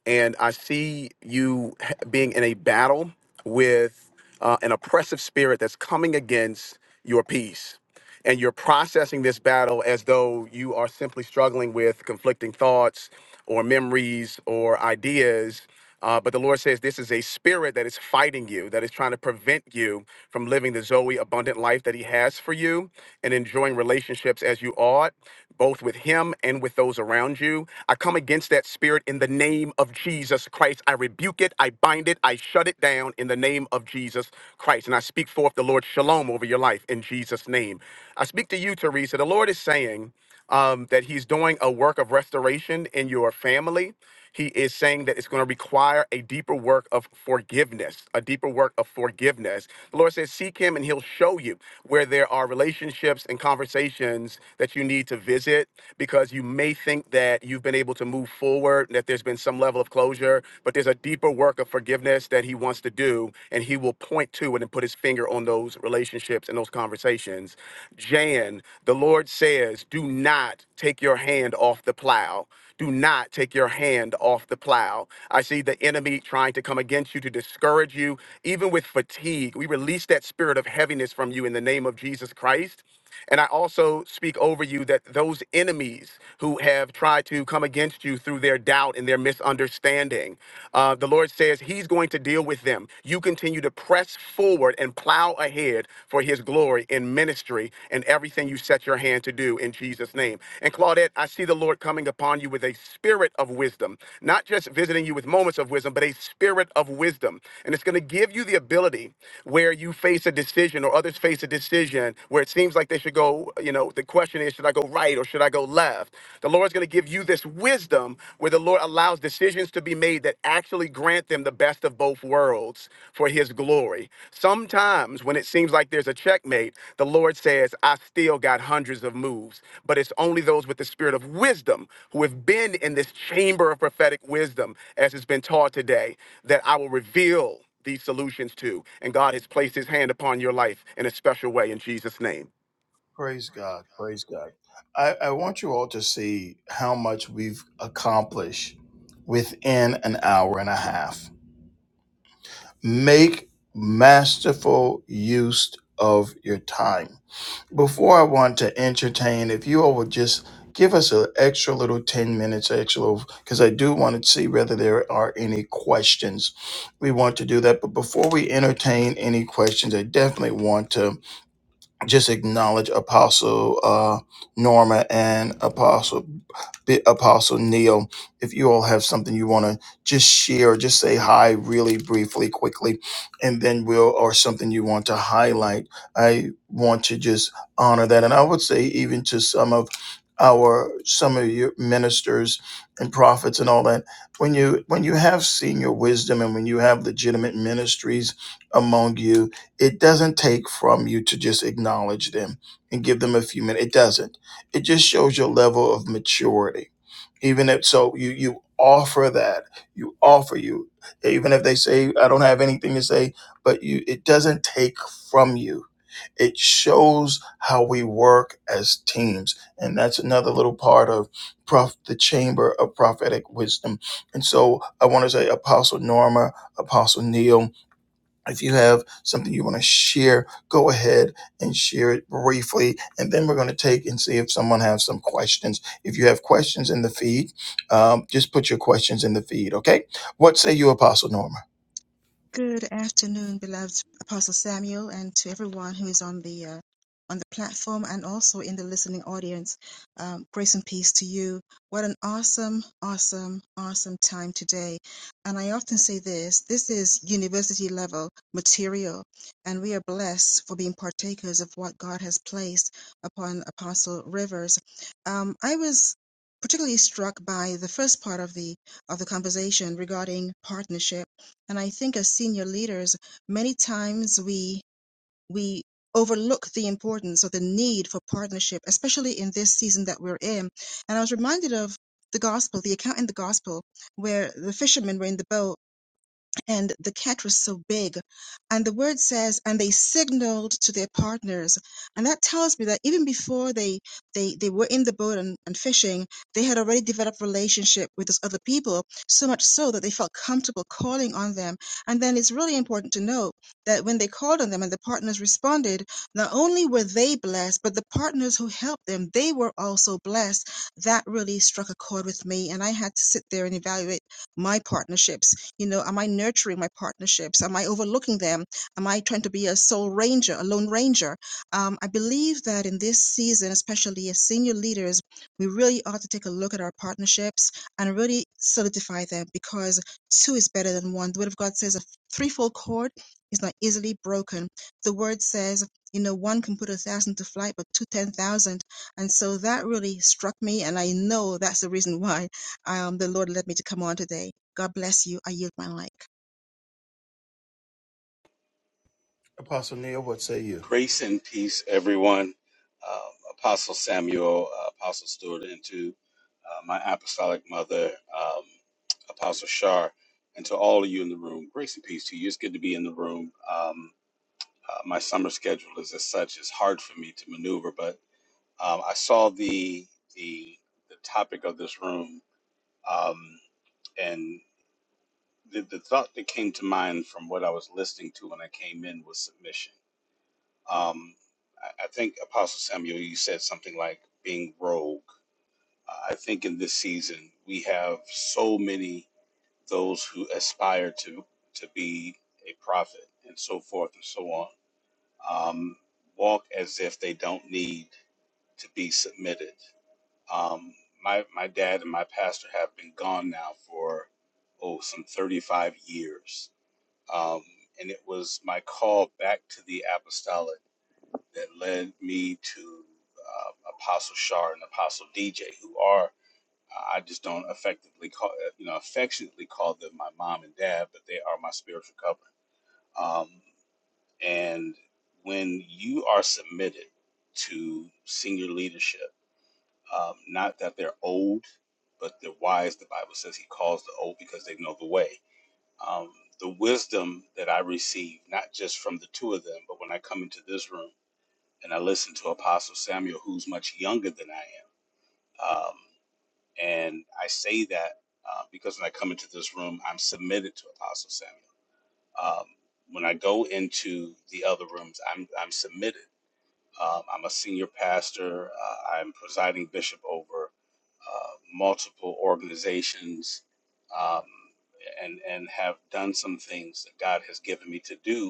[SPEAKER 5] And I see you h- being in a battle with uh, an oppressive spirit that's coming against your peace and you're processing this battle as though you are simply struggling with conflicting thoughts or memories or ideas. Uh, but the Lord says this is a spirit that is fighting you, that is trying to prevent you from living the Zoe abundant life that He has for you and enjoying relationships as you ought, both with Him and with those around you. I come against that spirit in the name of Jesus Christ. I rebuke it, I bind it, I shut it down in the name of Jesus Christ. And I I speak forth the Lord's shalom over your life in Jesus' name. I speak to you, Teresa. The Lord is saying um, that He's doing a work of restoration in your family. He is saying that it's going to require a deeper work of forgiveness, a deeper work of forgiveness. The Lord says, Seek Him and He'll show you where there are relationships and conversations that you need to visit because you may think that you've been able to move forward, that there's been some level of closure, but there's a deeper work of forgiveness forgiveness that he wants to do, and he will point to it and put his finger on those relationships and those conversations. Jan, the Lord says, do not take your hand off the plow. Do not take your hand off the plow. I see the enemy trying to come against you to discourage you, even with fatigue. We release that spirit of heaviness from you in the name of Jesus Christ. And I also speak over you that those enemies who have tried to come against you through their doubt and their misunderstanding, uh, the Lord says He's going to deal with them. You continue to press forward and plow ahead for His glory in ministry and everything you set your hand to do in Jesus' name. And Claudette, I see the Lord coming upon you with a spirit of wisdom, not just visiting you with moments of wisdom, but a spirit of wisdom. And it's going to give you the ability where you face a decision or others face a decision where it seems like seems like they should go, you know, the question is, should I go right or should I go left? The Lord's going to give you this wisdom where the Lord allows decisions to be made that actually grant them the best of both worlds for his glory. Sometimes when it seems like there's a checkmate, the Lord says, I still got hundreds of moves, but it's only those with the spirit of wisdom who have been in this chamber of prophetic wisdom, as has been taught today, that I will reveal these solutions to. And God has placed his hand upon your life in a special way in Jesus' name.
[SPEAKER 1] Praise God. Praise God. I, I want you all to see how much we've accomplished within an hour and a half. Make masterful use of your time. Before I want to entertain, if you all would just give us an extra little 10 minutes extra, because I do want to see whether there are any questions. We want to do that. But before we entertain any questions, I definitely want to just acknowledge Apostle uh, Norma and Apostle Bi- Apostle Neil. If you all have something you want to just share, just say hi really briefly, quickly, and then we'll or something you want to highlight. I want to just honor that, and I would say even to some of our some of your ministers and prophets and all that when you when you have senior wisdom and when you have legitimate ministries among you it doesn't take from you to just acknowledge them and give them a few minutes. It doesn't. It just shows your level of maturity. Even if so, you you offer that you offer you even if they say I don't have anything to say, but you it doesn't take from you. It shows how we work as teams, and that's another little part of prof, the chamber of prophetic wisdom. And so I want to say Apostle Norma, Apostle Neil. If you have something you want to share, go ahead and share it briefly. And then we're going to take and see if someone has some questions. If you have questions in the feed, um, just put your questions in the feed, okay? What say you, Apostle Norma?
[SPEAKER 7] Good afternoon, beloved Apostle Samuel, and to everyone who is on the uh, on the platform and also in the listening audience. Um, grace and peace to you. What an awesome, awesome, awesome time today! And I often say this: this is university level material, and we are blessed for being partakers of what God has placed upon Apostle Rivers. Um, I was particularly struck by the first part of the of the conversation regarding partnership and I think as senior leaders, many times we we overlook the importance or the need for partnership, especially in this season that we're in. And I was reminded of the gospel, the account in the gospel where the fishermen were in the boat and the cat was so big. And the word says, and they signaled to their partners. And that tells me that even before they they, they were in the boat and, and fishing, they had already developed relationship with those other people, so much so that they felt comfortable calling on them. And then it's really important to note that when they called on them and the partners responded, not only were they blessed, but the partners who helped them, they were also blessed. That really struck a chord with me. And I had to sit there and evaluate my partnerships you know, am I nurturing my partnerships? Am I overlooking them? Am I trying to be a soul ranger, a lone ranger? Um, I believe that in this season, especially as senior leaders, we really ought to take a look at our partnerships and really solidify them because two is better than one. The Word of God says a threefold cord is not easily broken. The Word says, you know, one can put a thousand to flight, but two, ten thousand. And so that really struck me. And I know that's the reason why um, the Lord led me to come on today God bless you. I yield my mic.
[SPEAKER 1] Apostle Neil, what say you?
[SPEAKER 8] Grace and peace, everyone. Um, Apostle Samuel, uh, Apostle Stewart, and to uh, my apostolic mother, um, Apostle Shar, and to all of you in the room, grace and peace to you. It's good to be in the room. Um, uh, my summer schedule is as such; it's hard for me to maneuver. But um, I saw the the the topic of this room, um, and the, the thought that came to mind from what I was listening to when I came in was submission um, I, I think Apostle Samuel, you said something like being rogue. I think in this season we have so many those who aspire to to be a prophet and so forth and so on. Um, walk as if they don't need to be submitted. Um, my my dad and my pastor have been gone now for oh some thirty five years, um, and it was my call back to the apostolic that led me to uh, Apostle Shar and Apostle DJ, who are I I just don't effectively call you know affectionately call them my mom and dad, but they are my spiritual covering. Um, and when you are submitted to senior leadership, um, not that they're old, but they're wise. The Bible says He calls the old because they know the way. Um, the wisdom that I receive, not just from the two of them, but when I come into this room and I listened to Apostle Samuel, who's much younger than I am. Um, and I say that uh, because when I come into this room, I'm submitted to Apostle Samuel. Um, when I go into the other rooms, I'm, I'm submitted. Um, I'm a senior pastor, uh, I'm presiding bishop over uh, multiple organizations. Um, and, and have done some things that God has given me to do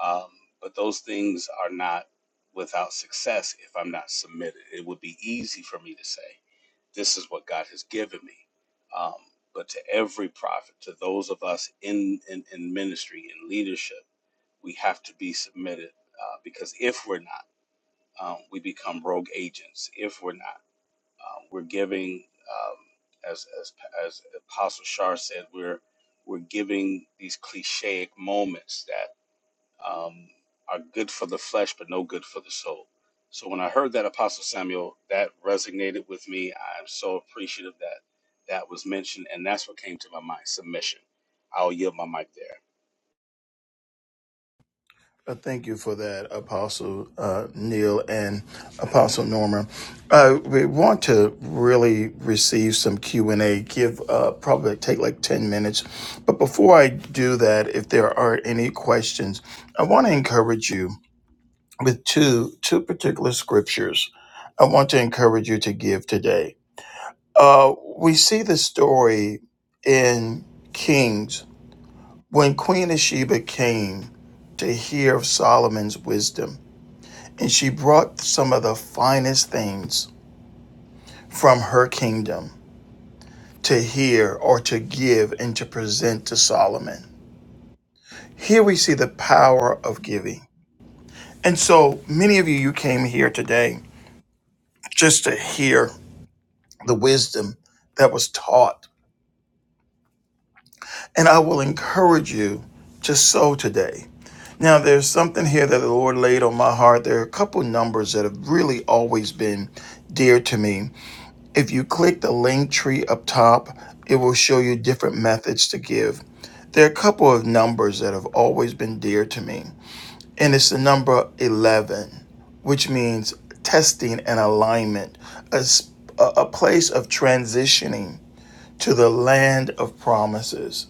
[SPEAKER 8] um, but those things are not without success if I'm not submitted. It would be easy for me to say, this is what God has given me. Um, but to every prophet, to those of us in, in, in ministry, in leadership, we have to be submitted uh, because if we're not, um, we become rogue agents. If we're not, uh, we're giving, um, as, as, as Apostle Shar said, we're, we're giving these clichéic moments that um, are good for the flesh, but no good for the soul. So when I heard that, Apostle Samuel, that resonated with me. I'm so appreciative that that was mentioned, and that's what came to my mind submission. I'll yield my mic there.
[SPEAKER 1] Uh, Thank you for that, Apostle uh, Neil and Apostle Norma. Uh, we want to really receive some Q and A. Give uh, probably take like ten minutes, but before I do that, if there are any questions, I want to encourage you with two two particular scriptures. I want to encourage you to give today. Uh, we see the story in Kings when Queen of Sheba came to hear of Solomon's wisdom and she brought some of the finest things from her kingdom to hear or to give and to present to Solomon. Here we see the power of giving. And so many of you, you came here today just to hear the wisdom that was taught. And I will encourage you to sow today. Now, there's something here that the Lord laid on my heart. There are a couple numbers that have really always been dear to me If you click the link tree up top, it will show you different methods to give. There are a couple of numbers that have always been dear to me, and it's the number 11, which means testing and alignment, a a place of transitioning to the land of promises.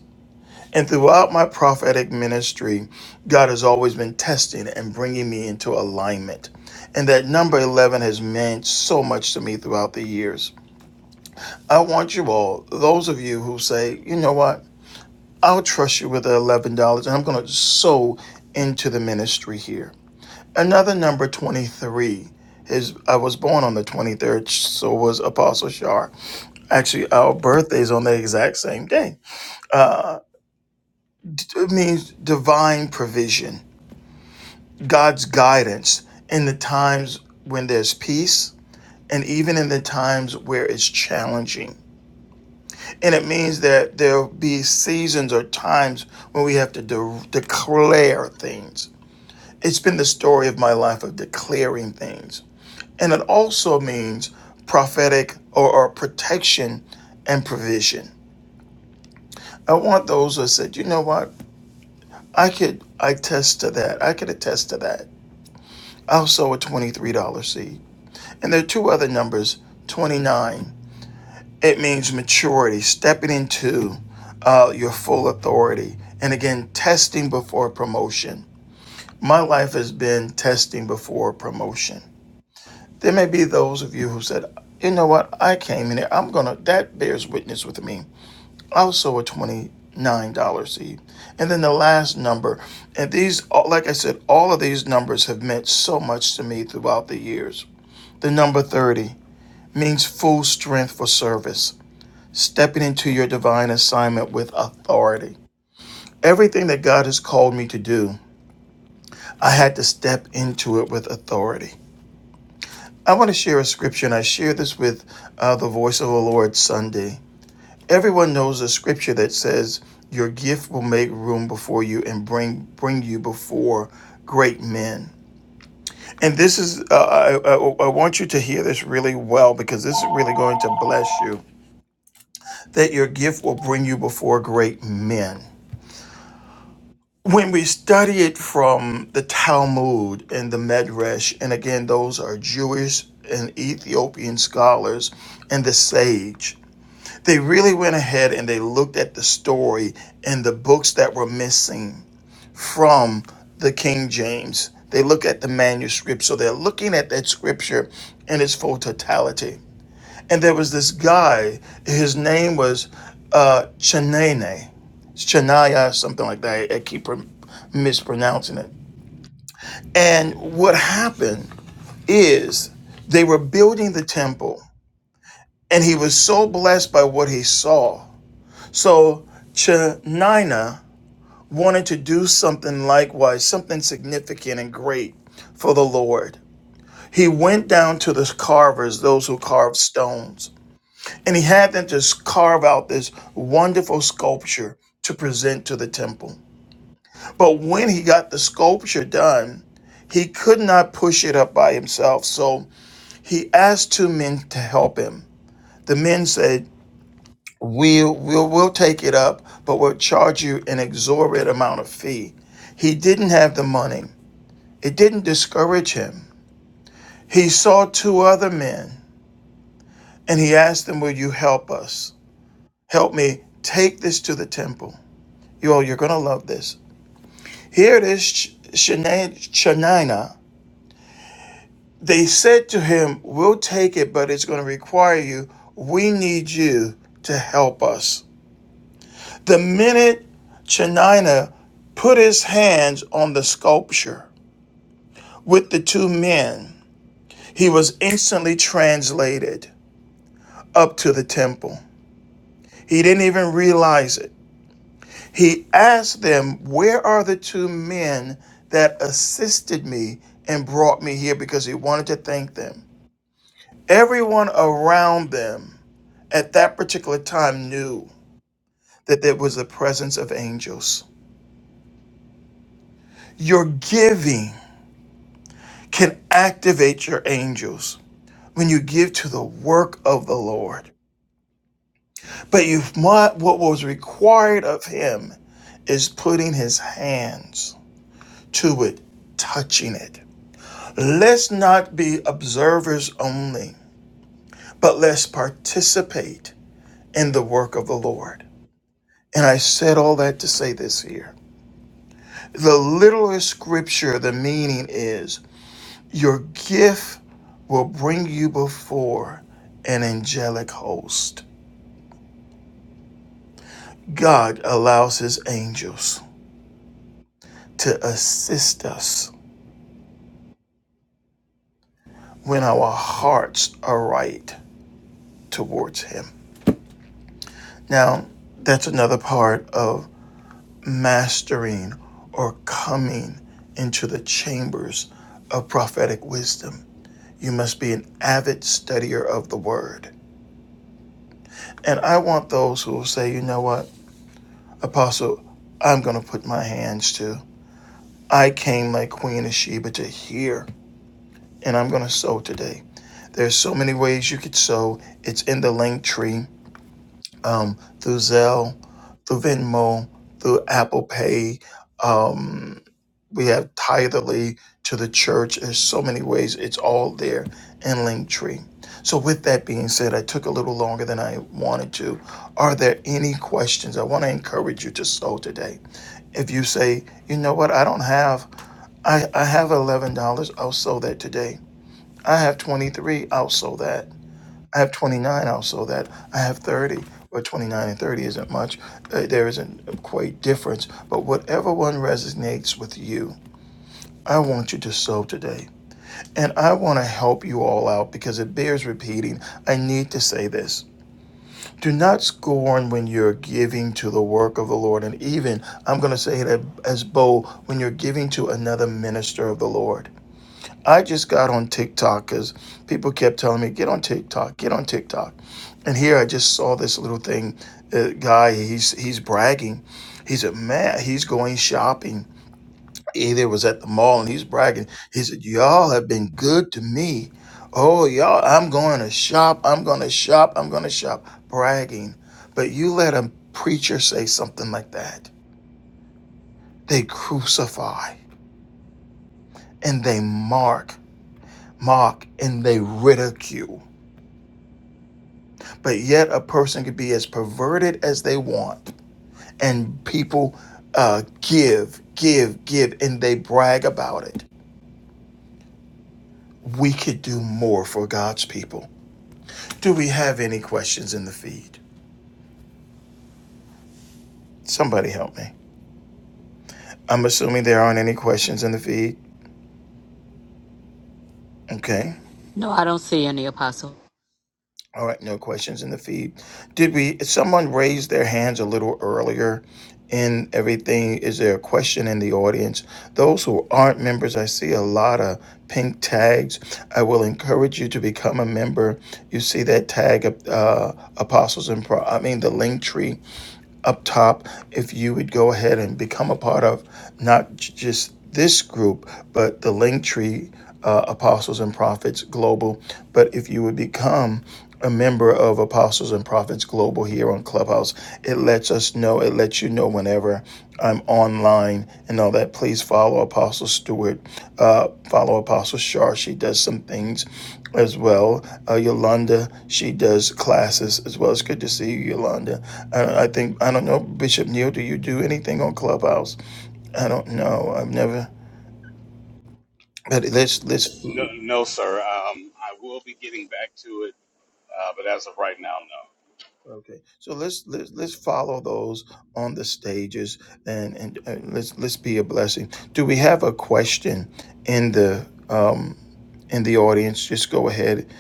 [SPEAKER 1] And throughout my prophetic ministry, God has always been testing and bringing me into alignment. And that number 11 has meant so much to me throughout the years. I want you all, those of you who say, you know what, I'll trust you with the $11 and I'm going to sow into the ministry here. Another number 23 is I was born on the 23rd, so was Apostle Shar. Actually, our birthday's on the exact same day. It means divine provision, God's guidance in the times when there's peace and even in the times where it's challenging. And it means that there'll be seasons or times when we have to de- declare things. It's been the story of my life of declaring things. And it also means prophetic or, or protection and provision. I want those who said, you know what? I could attest to that. I could attest to that. I'll sow a $23 seed. And there are two other numbers 29 It means maturity, stepping into uh, your full authority. And again, testing before promotion. My life has been testing before promotion. There may be those of you who said, you know what, I came in here, I'm gonna, that bears witness with me. I was sold a $29 seed. And then the last number, and these, uh, like I said, all of these numbers have meant so much to me throughout the years. The number 30 means full strength for service stepping into your divine assignment with authority. Everything that God has called me to do, I had to step into it with authority. I want to share a scripture, and I share this with uh, the Voice of the Lord Sunday. Everyone knows a scripture that says, "Your gift will make room before you and bring bring you before great men." And this is, uh, I, I I want you to hear this really well because this is really going to bless you. That your gift will bring you before great men. when we study it from the Talmud and the Medrash, and again, those are Jewish and Ethiopian scholars and the sage, they really went ahead and they looked at the story and the books that were missing from the King James. They look at the manuscript, so they're looking at that scripture in its full totality. And there was this guy, his name was uh, Chenene Shania, something like that. I keep mispronouncing it. And what happened is they were building the temple, and he was so blessed by what he saw. So Chenina wanted to do something likewise, something significant and great for the Lord. He went down to the carvers, those who carved stones, and he had them just carve out this wonderful sculpture to present to the temple. But when he got the sculpture done, he could not push it up by himself. So he asked two men to help him. The men said, we'll, we'll, we'll take it up, but we'll charge you an exorbitant amount of fee. He didn't have the money. It didn't discourage him. He saw two other men and he asked them, Will you help us? Help me take this to the temple. You all, you're going to love this. Here it is, Sh- Shana- Shanina. They said to him, We'll take it, but it's going to require you. We need you to help us. The minute Chenina put his hands on the sculpture with the two men, he was instantly translated up to the temple. He didn't even realize it. He asked them, Where are the two men that assisted me and brought me here? Because he wanted to thank them. Everyone around them at that particular time knew that there was the presence of angels. Your giving can activate your angels when you give to the work of the Lord. But you what was required of him is putting his hands to it, touching it. Let's not be observers only, but let's participate in the work of the Lord. And I said all that to say this here. The literal scripture, the meaning is your gift will bring you before an angelic host. God allows his angels to assist us when our hearts are right towards him. Now, that's another part of mastering or coming into the chambers of prophetic wisdom. You must be an avid studier of the word And I want those who will say, you know what, Apostle, I'm going to put my hands to. I came like Queen of Sheba to hear, and I'm going to sow today. There's so many ways you could sow. It's in the link tree, um, through Zelle, through Venmo, through Apple Pay. um, We have tithely to the church. There's so many ways. It's all there in Linktree. So with that being said, I took a little longer than I wanted to. Are there any questions? I want to encourage you to sow today. If you say, you know what, I don't have, I, I have eleven dollars, I'll sow that today. I have twenty-three, I'll sow that. I have twenty-nine, I'll sow that. I have thirty. Well, twenty-nine and thirty isn't much. Uh, there isn't quite difference, but whatever one resonates with you I want you to sow today. And I want to help you all out because it bears repeating. I need to say this. Do not scorn when you're giving to the work of the Lord. And even, I'm going to say it as bold, when you're giving to another minister of the Lord. I just got on TikTok because people kept telling me, get on TikTok, get on TikTok. And here I just saw this little thing. Uh, guy, he's, he's bragging. He's a man, he's going shopping either was at the mall and he's bragging. He said, Y'all have been good to me. Oh, y'all, I'm going to shop. I'm going to shop. I'm going to shop. Bragging. But you let a preacher say something like that. They crucify and they mark, mock, and they ridicule. But yet a person could be as perverted as they want. And people uh, give, give, give, and they brag about it. We could do more for God's people Do we have any questions in the feed? Somebody help me. I'm assuming there aren't any questions in the feed. Okay.
[SPEAKER 2] No, I don't see any apostle.
[SPEAKER 1] All right, no questions in the feed. Did we someone raised their hands a little earlier in everything? Is there a question in the audience? Those who aren't members, I see a lot of pink tags. I will encourage you to become a member. You see that tag uh, Apostles and Pro I mean the link tree up top if you would go ahead and become a part of not j- just this group, but the Linktree uh, Apostles and Prophets Global. But if you would become a member of Apostles and Prophets Global here on Clubhouse, it lets us know, it lets you know whenever I'm online and all that. Please follow Apostle Stewart, uh, follow Apostle Shar. She does some things as well. Uh, Yolanda, she does classes as well. It's good to see you, Yolanda. I, I think I don't know, Bishop Neal. Do you do anything on Clubhouse? I don't know. I've never. But let's let's
[SPEAKER 8] No, no, sir. Um, I will be getting back to it, uh, but as of right now, no.
[SPEAKER 1] Okay, so let's let's let's follow those on the stages and and, and let's let's be a blessing. Do we have a question in the um in the audience? Just go ahead,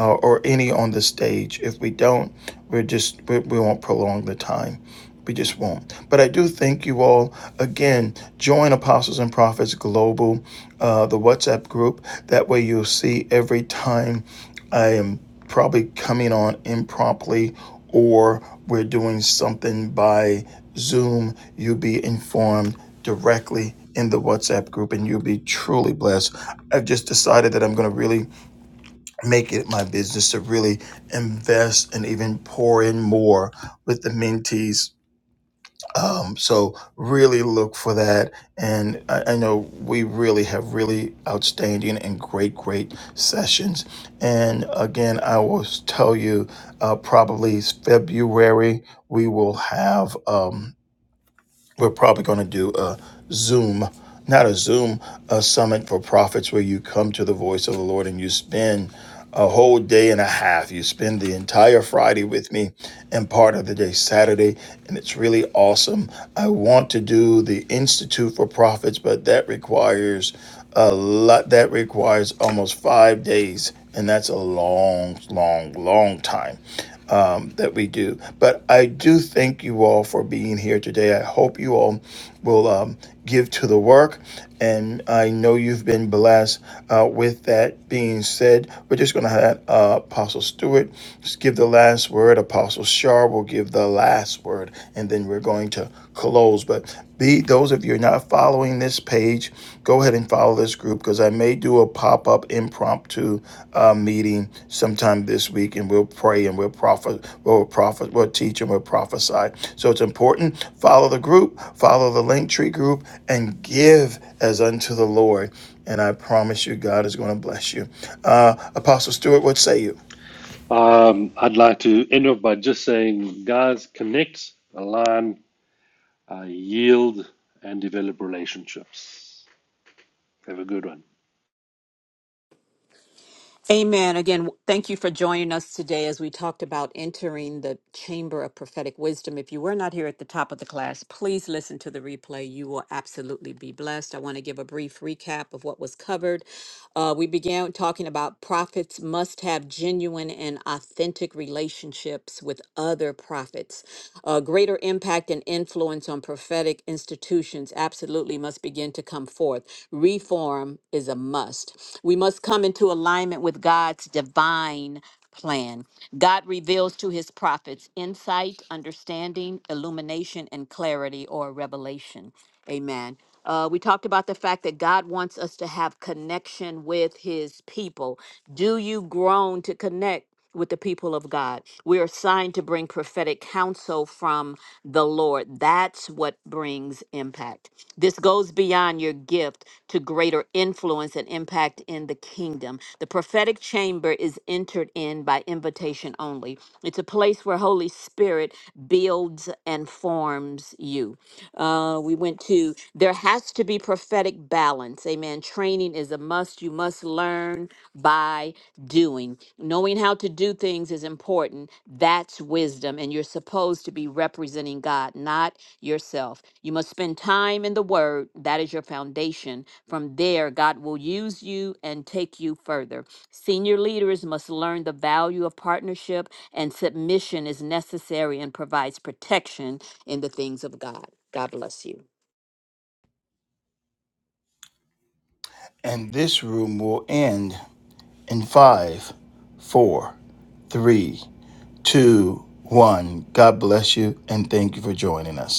[SPEAKER 1] uh, or any on the stage. If we don't, we're just we, we won't prolong the time. We just won't. But I do thank you all again. Join Apostles and Prophets Global, uh, the WhatsApp group. That way you'll see every time I am probably coming on impromptu or we're doing something by Zoom, you'll be informed directly in the WhatsApp group and you'll be truly blessed. I've just decided that I'm going to really make it my business to really invest and even pour in more with the mentees um, so really look for that. And I, I know we really have really outstanding and great, great sessions. And again, I will s- tell you uh, probably February we will have. Um, we're probably going to do a Zoom, not a Zoom, a summit for prophets where you come to the voice of the Lord and you spend a whole day and a half. You spend the entire Friday with me and part of the day Saturday, and it's really awesome. I want to do the Institute for Prophets, but that requires a lot, that requires almost five days, and that's a long, long, long time um, that we do. But I do thank you all for being here today. I hope you all will um, give to the work. And I know you've been blessed. Uh, with that being said, we're just going to have uh, Apostle Stewart just give the last word. Apostle Shar will give the last word. And then we're going to close. But be those of you who are not following, following this page, go ahead and follow this group because I may do a pop up impromptu uh, meeting sometime this week, and we'll pray and we'll prophet, we'll prophet, we'll teach and we'll prophesy. So it's important. Follow the group, follow the Linktree group, and give as unto the Lord. And I promise you, God is going to bless you. Uh, Apostle Stewart, what say you?
[SPEAKER 4] Um, I'd like to end off by just saying, guys, connect, align, uh, yield, and develop relationships. Have a good one.
[SPEAKER 2] Amen. Again, thank you for joining us today as we talked about entering the chamber of prophetic wisdom. If you were not here at the top of the class, please listen to the replay. You will absolutely be blessed. I want to give a brief recap of what was covered. Uh, we began talking about prophets must have genuine and authentic relationships with other prophets. Uh, greater impact and influence on prophetic institutions absolutely must begin to come forth. Reform is a must. We must come into alignment. with alignment with God's divine plan. God reveals to his prophets insight, understanding, illumination, and clarity or revelation. Amen. Uh, we talked about the fact that God wants us to have connection with his people. Do you groan to connect? with the people of God. We are assigned to bring prophetic counsel from the Lord. That's what brings impact. This goes beyond your gift to greater influence and impact in the kingdom. The prophetic chamber is entered in by invitation only. It's a place where Holy Spirit builds and forms you. Uh, we went to, there has to be prophetic balance. Amen. Training is a must. You must learn by doing. Knowing how to do things is important. That's wisdom. And you're supposed to be representing God, not yourself. You must spend time in the Word. That is your foundation. From there, God will use you and take you further. Senior leaders must learn the value of partnership, and submission is necessary and provides protection in the things of God. God bless you.
[SPEAKER 1] And this room will end in five, four, three two, one. God bless you and thank you for joining us.